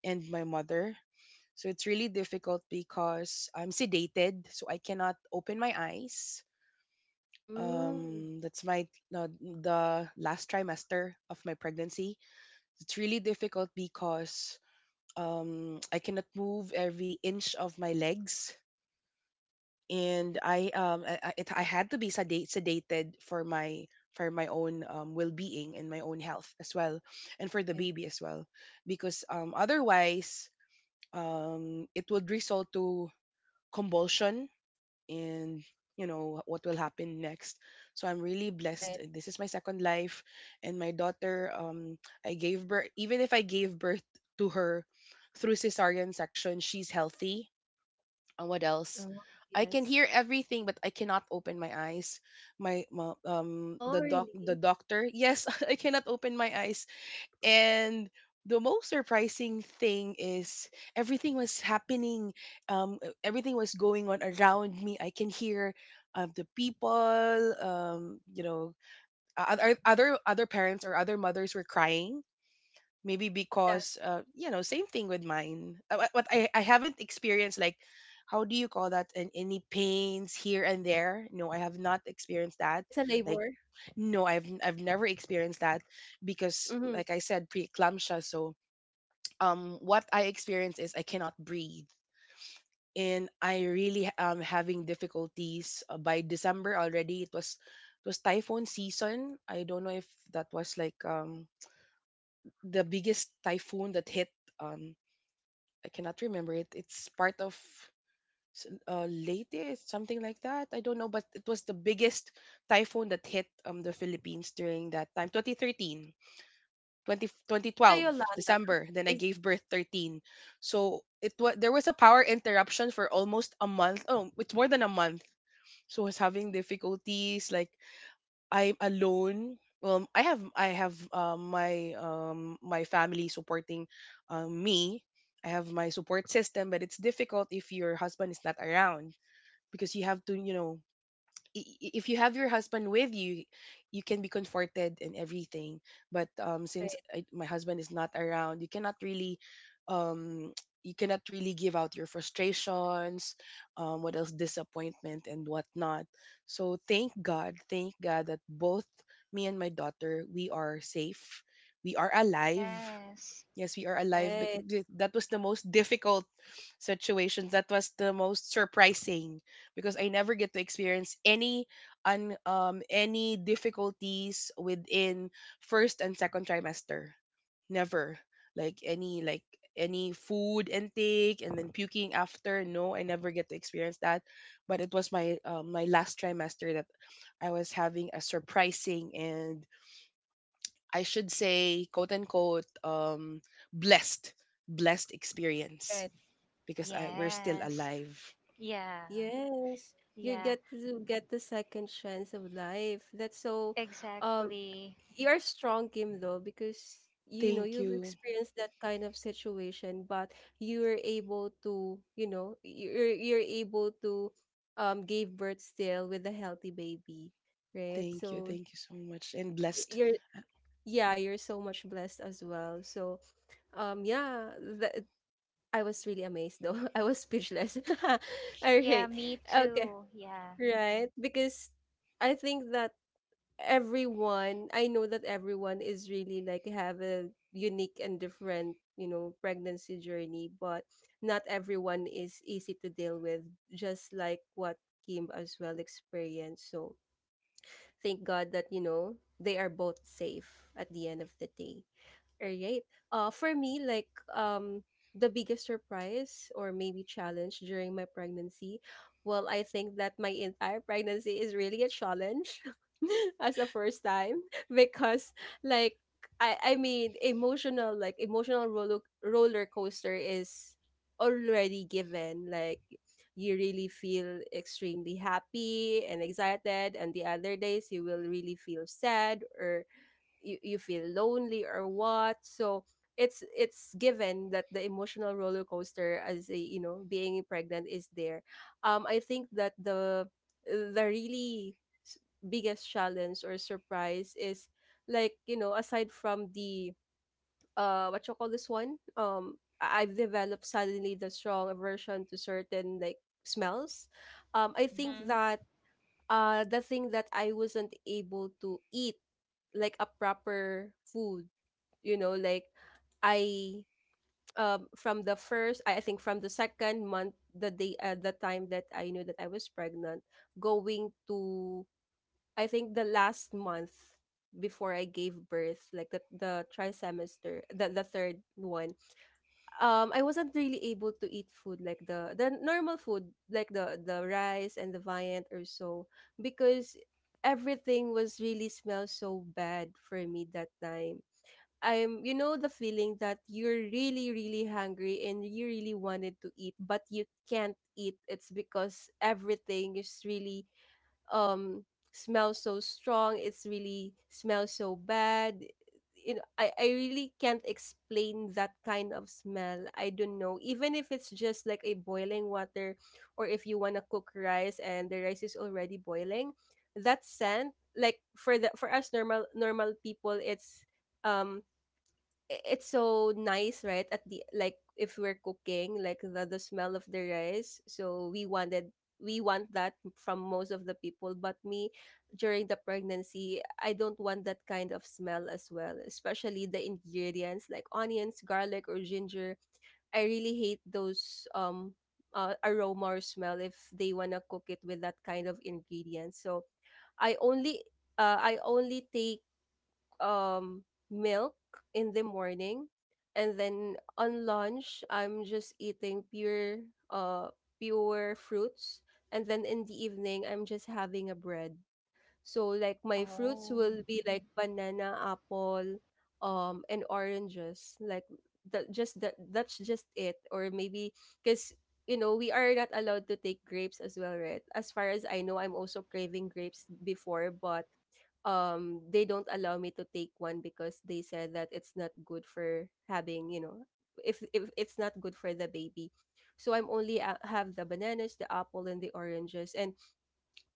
C: and my mother. So it's really difficult, because I'm sedated, so I cannot open my eyes.
A: Mm.
C: That's my, the last trimester of my pregnancy. It's really difficult because, I cannot move every inch of my legs, and I had to be sedated for my, for my own, well-being and my own health as well, and for the
A: Right,
C: baby as well, because, otherwise, it would result to convulsion, in, you know what will happen next. So I'm really blessed,
A: right.
C: this is my second life. And my daughter, I gave birth, even if I gave birth to her through cesarean section, she's healthy. And what else?
A: Oh,
C: I can
A: yes.
C: hear everything, but I cannot open my eyes. my, my um
A: Oh,
C: the doc the
A: really?
C: doctor, yes. [LAUGHS] I cannot open my eyes. And the most surprising thing is, everything was happening. Everything was going on around me. I can hear, the people. You know, other parents or other mothers were crying. Maybe
A: Yes,
C: because, you know, same thing with mine. But I haven't experienced, like, how do you call that? And any pains here and there. No, I have not experienced that.
A: it's a
C: Like,
A: labor.
C: no, I've, I've never experienced that, because
A: Mhm.
C: like I said, preeclampsia. So what I experience is, I cannot breathe, and I really am having difficulties. By December already, it was typhoon season. I don't know if that was like, the biggest typhoon that hit, um I cannot remember it. It's part of, Leyte something like that, I don't know, but it was the biggest typhoon that hit, the Philippines during that time. 2013, 20 twenty
A: Is it a
C: twelve.
A: Yolanda?
C: December. Then I
A: Is
C: gave birth 13. So it was, there was a power interruption for almost a month. Oh, it's more than a month. So I was having difficulties. Like, I'm alone. Well, I have, my family supporting, me. I have my support system, but it's difficult if your husband is not around, because you have to, you know, if you have your husband with you, you can be comforted and everything. But,
A: right,
C: since I, my husband is not around, you cannot really, um [TSK] you cannot really give out your frustrations, what else, disappointment and whatnot. So thank God, that both me and my daughter, we are safe, we are alive.
B: Yes.
C: Yes, we are alive.
A: right,
C: That was the most difficult situation. That was the most surprising, because I never get to experience any any difficulties within first and second trimester. Never. Like, any, like, any food intake and then puking after. No, I never get to experience that. But it was my, my last trimester, that I was having a surprising, and I should say, quote unquote, blessed, blessed experience,
A: right.
C: because we're still
B: Yes.
C: alive.
B: Yeah.
A: Yes, you
B: Yeah.
A: get to get the second chance of life. That's so, um,
B: Exactly.
A: you're strong, Kim, though, because you know
C: Thank
A: you've
C: you.
A: experienced that kind of situation, but you were able to, you know, you're able to, give birth still with a healthy baby, right?
C: Thank you.
A: So
C: Thank you so much. And blessed.
A: you're yeah, you're so much blessed as well. So, yeah, that I was really amazed though. [LAUGHS] I was speechless. [LAUGHS] All
B: Yeah,
A: right,
B: me
A: okay.
B: too. Yeah.
A: Right? Because I think that everyone, I know that everyone is really like have a unique and different, you know, pregnancy journey, but not everyone is easy to deal with, just like what Kim as well experienced. So thank God that, you know, they are both safe at the end of the day. All right. For me, like um, the biggest surprise or maybe challenge during my pregnancy, well, I think that my entire pregnancy is really a challenge [LAUGHS] as a first time [LAUGHS] because, like, I mean, emotional like emotional roller coaster is already given. Like, you really feel extremely happy and excited, and the other days you will really feel sad or you feel lonely or what, so it's given that the emotional roller coaster as a you know being pregnant is there. I think that the really s- biggest challenge or surprise is like you know aside from the what you call this one, I- I've developed suddenly the strong aversion to certain like smells. I think
B: Mm-hmm.
A: that the thing that I wasn't able to eat like a proper food, you know, like I from the first I think from the second month the day the time that I knew that I was pregnant going to I think the last month before I gave birth like the trimester the third one. I wasn't really able to eat food like the normal food like the rice and the viand or so because everything was really smelled so bad for me that time. I'm you know the feeling that you're really really hungry and you really wanted to eat but you can't eat. It's because everything is really um smells so strong, it's really smells so bad, you know, I really can't explain that kind of smell. I don't know, even if it's just like a boiling water or if you want to cook rice and the rice is already boiling, that scent like for the for us normal people it's, um I- it's so nice, right? At the like if we're cooking, like the smell of the rice. So we wanted we want that from most of the people, but me during the pregnancy, I don't want that kind of smell as well, especially the ingredients like onions, garlic or ginger. I really hate those aroma or smell if they want to cook it with that kind of ingredients. So I only I only take um milk in the morning, and then on lunch I'm just eating pure uh pure fruits, and then in the evening I'm just having a bread. So like my fruits
B: Oh.
A: will be like banana, apple, and oranges. Like that, just that. That's just it. Or maybe because you know we are not allowed to take grapes as well, right? As far as I know, I'm also craving grapes before, but they don't allow me to take one because they said that it's not good for having you know if it's not good for the baby. So I'm only have the bananas, the apple and the oranges, and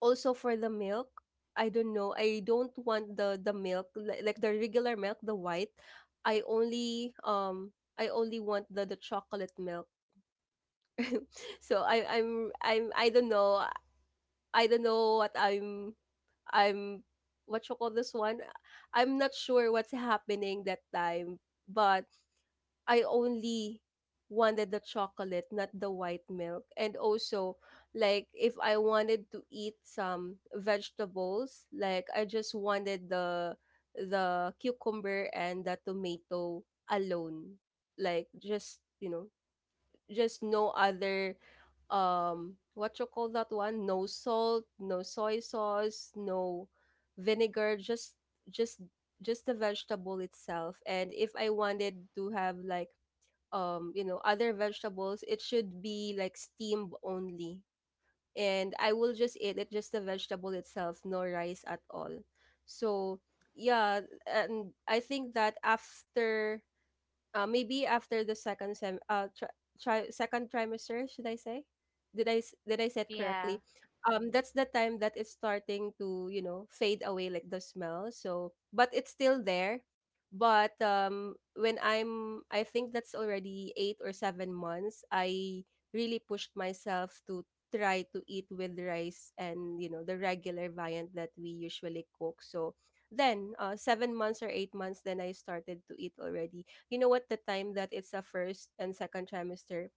A: also for the milk, I don't know. I don't want the milk like the regular milk, the white. I only want the chocolate milk. [LAUGHS] So I don't know. I don't know what I'm what you call this one. I'm not sure what's happening that time, but I only wanted the chocolate, not the white milk. And also, like, if I wanted to eat some vegetables, like, I just wanted the cucumber and the tomato alone. Like, just, you know, just no other, what you call that one? No salt, no soy sauce, no vinegar, just, just the vegetable itself. And if I wanted to have, like, you know other vegetables it should be like steamed only, and I will just eat it just the vegetable itself, no rice at all. So yeah. And I think that after maybe after the second second trimester should I say, did did I say it
B: Yeah.
A: correctly? That's the time that it's starting to you know fade away like the smell, so, but it's still there, but when I'm I think that's already 8 or 7 months. I really pushed myself to try to eat with rice and you know the regular viand that we usually cook. So then 7 months or 8 months, then I started to eat already. You know what, the time that it's a first and second trimester,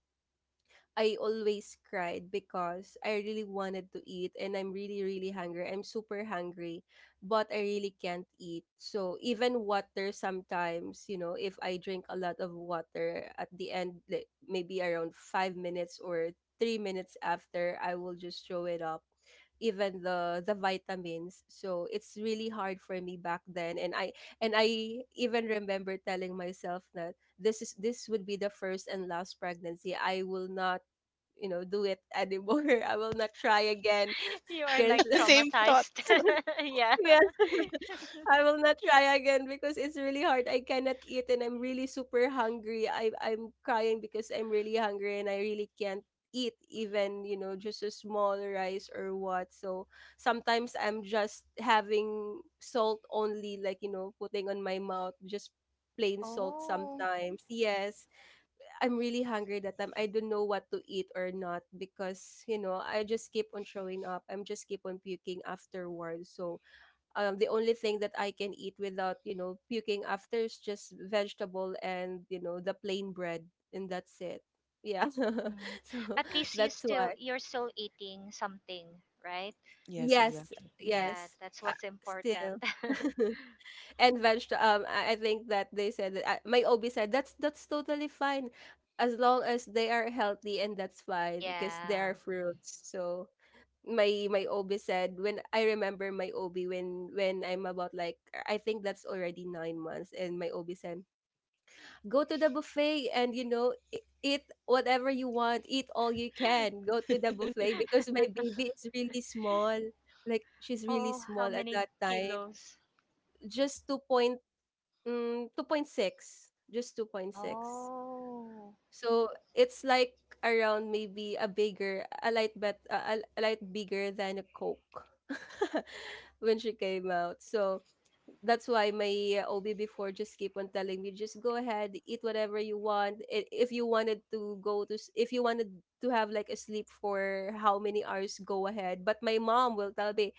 A: I always cried because I really wanted to eat and I'm really, really hungry. I'm super hungry, but I really can't eat. So even water sometimes, you know, if I drink a lot of water at the end, like maybe around 5 minutes or 3 minutes after, I will just throw it up, even the vitamins. So it's really hard for me back then, and I even remember telling myself that this is this would be the first and last pregnancy, I will not you know do it anymore. [LAUGHS] I will not try again
B: [LAUGHS] You are
A: because
B: like
C: [LAUGHS] Same
A: [LAUGHS]
C: thought.
B: traumatized. [LAUGHS] Yeah.
A: yes
B: [LAUGHS]
A: I will not try again because it's really hard, I cannot eat and I'm really super hungry, I'm crying because I'm really hungry and I really can't eat even you know just a small rice or what. So sometimes I'm just having salt only, like you know putting on my mouth just plain salt
B: Oh.
A: sometimes, yes. I'm really hungry that time. I don't know what to eat or not because, you know, I just keep on showing up. I'm just keep on puking afterwards. So, the only thing that I can eat without, you know, puking after is just vegetable and, you know, the plain bread, and that's it. Yeah.
B: Mm.
A: [LAUGHS] So,
B: At least you
A: that's
B: still
A: why.
B: you're still eating something, right?
C: Yes,
A: Yes.
C: exactly.
B: Yeah,
A: Yes.
B: that's
A: Uh,
B: what's important.
A: still.
B: [LAUGHS]
A: [LAUGHS] And veg I think that they said that my OB said that's totally fine as long as they are healthy, and that's fine because they are
B: Yeah.
A: fruits. So my OB said when I remember my OB when I'm about like I think that's already 9 months and my OB said go to the buffet and you know eat whatever you want, eat all you can, go to the
C: [LAUGHS]
A: buffet because my baby is really small, like she's really
B: Oh, how
A: small at
B: many
A: that time,
B: kilos?
A: just two point. Mm, 2.6, just 2.6.
B: Oh.
A: So it's like around maybe a bigger, a light bet, a light bigger than a Coke [LAUGHS] when she came out. So that's why my OB before just keep on telling me, just go ahead, eat whatever you want. If you wanted to go to, if you wanted to have like a sleep for how many hours, go ahead. But my mom will tell me,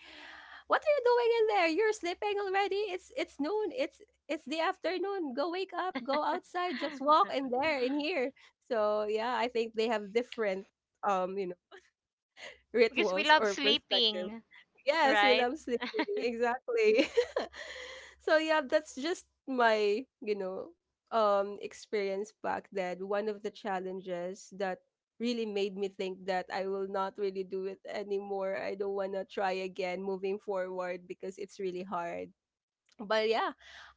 A: what are you doing in there? You're sleeping already. It's noon. It's the afternoon. Go wake up. Go outside. Just walk in there, in here. So yeah, I think they have different you know,
B: Because we
A: rituals
B: love
A: or perspective.
B: sleeping,
A: Yes, we
B: right?
A: sleeping. Exactly. [LAUGHS] So yeah, that's just my, you know, experience back then. One of the challenges that really made me think that I will not really do it anymore. I don't want to try again moving forward because it's really hard, but yeah.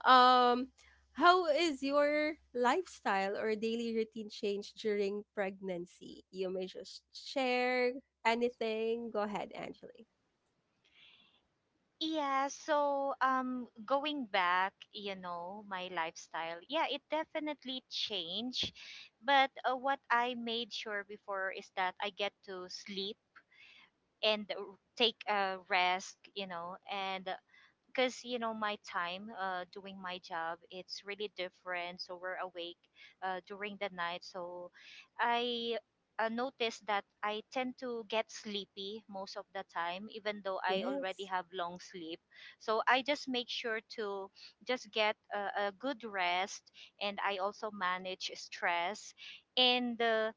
A: um how is your lifestyle or daily routine change during pregnancy? You may just share anything, go ahead Angeli.
B: Yeah, so going back, you know, my lifestyle. Yeah, it definitely changed, but what I made sure before is that I get to sleep and take a rest, you know, and because my time doing my job, it's really different, so we're awake during the night. So I noticed that I tend to get sleepy most of the time, even though I already
A: Yes,
B: have long sleep. So I just make sure to just get a good rest, and I also manage stress, and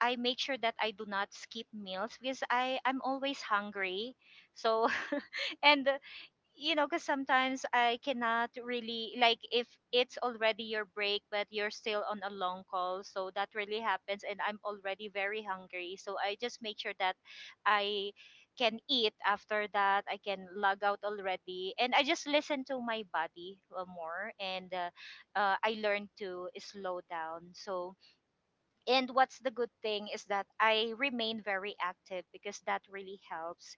B: I make sure that I do not skip meals because I'm always hungry. So [LAUGHS] and, because sometimes I cannot really, like, if it's already your break, but you're still on a long call, so that really happens, and I'm already very hungry, so I just make sure that I can eat after that. I can log out already, and I just listen to my body more, and I learn to slow down. So, and what's the good thing is that I remain very active because that really helps.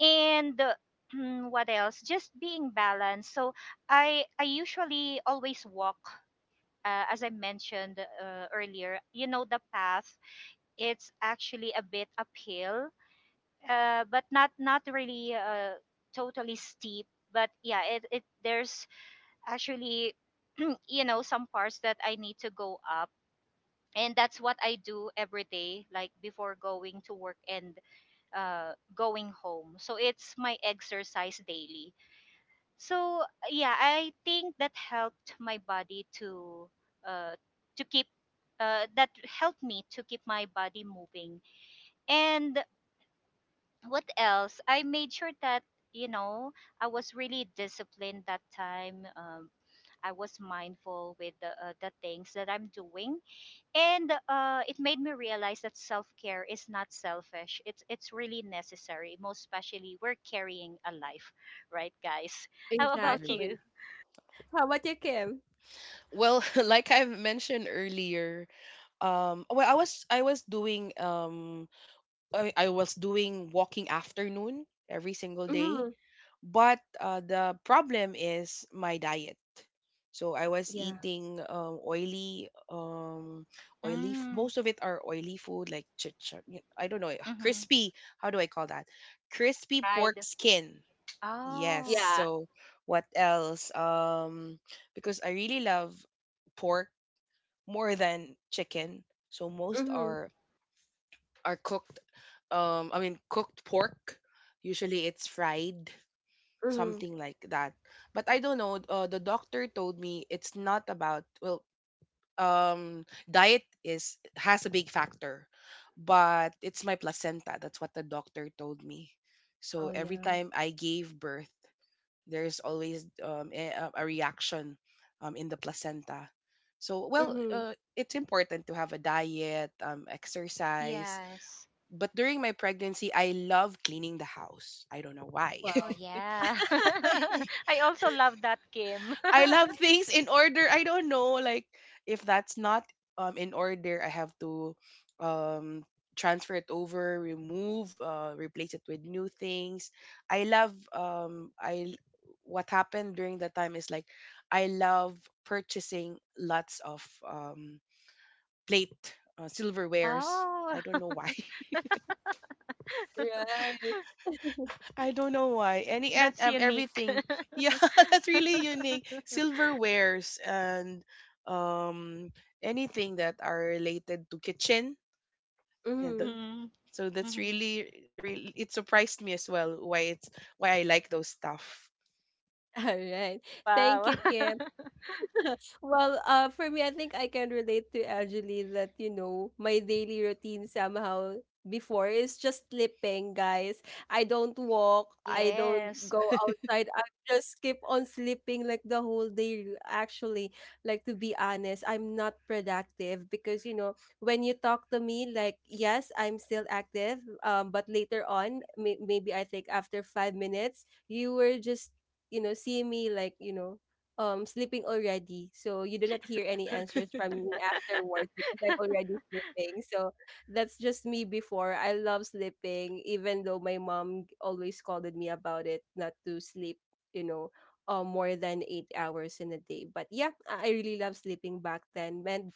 B: And [CLEARS THROAT] what else? Just being balanced. So I usually always walk. As I mentioned earlier, you know the path. It's actually a bit uphill, but not really totally steep. But yeah, it there's actually [CLEARS THROAT] you know some parts that I need to go up, and that's what I do every day, like before going to work and going home. So it's my exercise daily. So yeah, I think that helped my body uh, to keep that helped me to keep my body moving. And what else? I made sure that you know I was really disciplined that time. I was mindful with the things that I'm doing, and it made me realize that self-care is not selfish. It's really necessary, most especially we're carrying a life, right guys? [LAUGHS] How about
C: Agree.
B: you?
A: exactly. How about you Kim?
C: Well, [LAUGHS] like I've mentioned earlier, well, I was doing, I was doing walking afternoon every single day.
A: Mm-hmm.
C: But the problem is my diet. So I was
A: Yeah.
C: eating, oily,
B: Mm,
C: Most of it are oily food, like, I don't know, [LAUGHS]
B: mm-hmm.
C: crispy. How do I call that? Crispy pork
B: Fried.
C: skin. Yes.
B: Oh,
A: Yeah.
C: So what else? Because I really love pork more than chicken. So most
A: Mm-hmm.
C: are cooked. I mean cooked pork. Usually it's fried,
A: Mm-hmm.
C: something like that. But I don't know. The doctor told me, it's not about, well, diet is, has a big factor, but it's my placenta. That's what the doctor told me. So
A: Oh
C: every
A: yeah.
C: time I gave birth, there's always, a reaction, in the placenta. So, well,
A: Mm-hmm.
C: it's important to have a diet, exercise.
B: yes.
C: But during my pregnancy, I love cleaning the house. I don't know why.
B: Oh
C: [LAUGHS]
A: Wow.
B: yeah. [LAUGHS] I also love that, Kim. [LAUGHS]
C: I love things in order. I don't know, like, if that's not, in order, I have to, um transfer it over, remove, replace it with new things. I love, I what happened during that time is, like, I love purchasing lots of, plate, silverwares.
B: Oh.
C: I don't know why.
B: [LAUGHS]
A: Right.
C: I don't know why. Any, and
B: That's unique.
C: everything. Yeah,
B: [LAUGHS]
C: [LAUGHS] that's really unique. Silverwares and, um anything that are related to kitchen. Yeah, that,
A: Mm-hmm.
B: Mm-hmm.
C: so that's
B: Mm-hmm.
C: really, really, it surprised me as well, why it's, why I like those stuff.
A: [LAUGHS] All right, thank
B: Wow.
A: you Kim. Well, for me, I think I can relate to Angeline that, you know, my daily routine somehow before is just sleeping, guys. I don't walk,
B: [LAUGHS]
A: I don't
B: Yes.
A: go outside. I just keep on sleeping like the whole day, actually. Like, to be honest, I'm not productive because, you know, when you talk to me, like, yes, I'm still active, but later on, maybe I think after 5 minutes, you were just, you know, see me like, you know, sleeping already, so you do not hear any answers from me afterwards because I'm already sleeping. So that's just me before, I love sleeping even though my mom always scolded me about it not to sleep, you know, more than 8 hours in a day. But yeah, I really love sleeping back then. And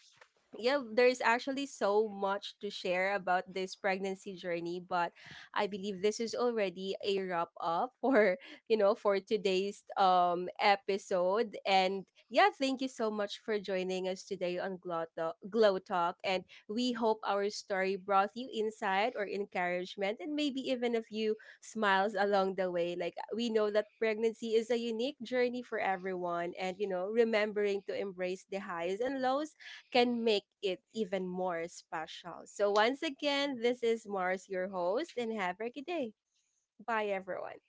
A: yeah, there's actually so much to share about this pregnancy journey, but I believe this is already a wrap up for, [LAUGHS] you know, for today's episode. And yeah, thank you so much for joining us today on Glow Talk, Glow Talk. And we hope our story brought you insight or encouragement and maybe even a few smiles along the way. Like we know that pregnancy is a unique journey for everyone and, you know, remembering to embrace the highs and lows can make it even more special. So, once again, this is Mars, your host, and have a good day. Bye, everyone.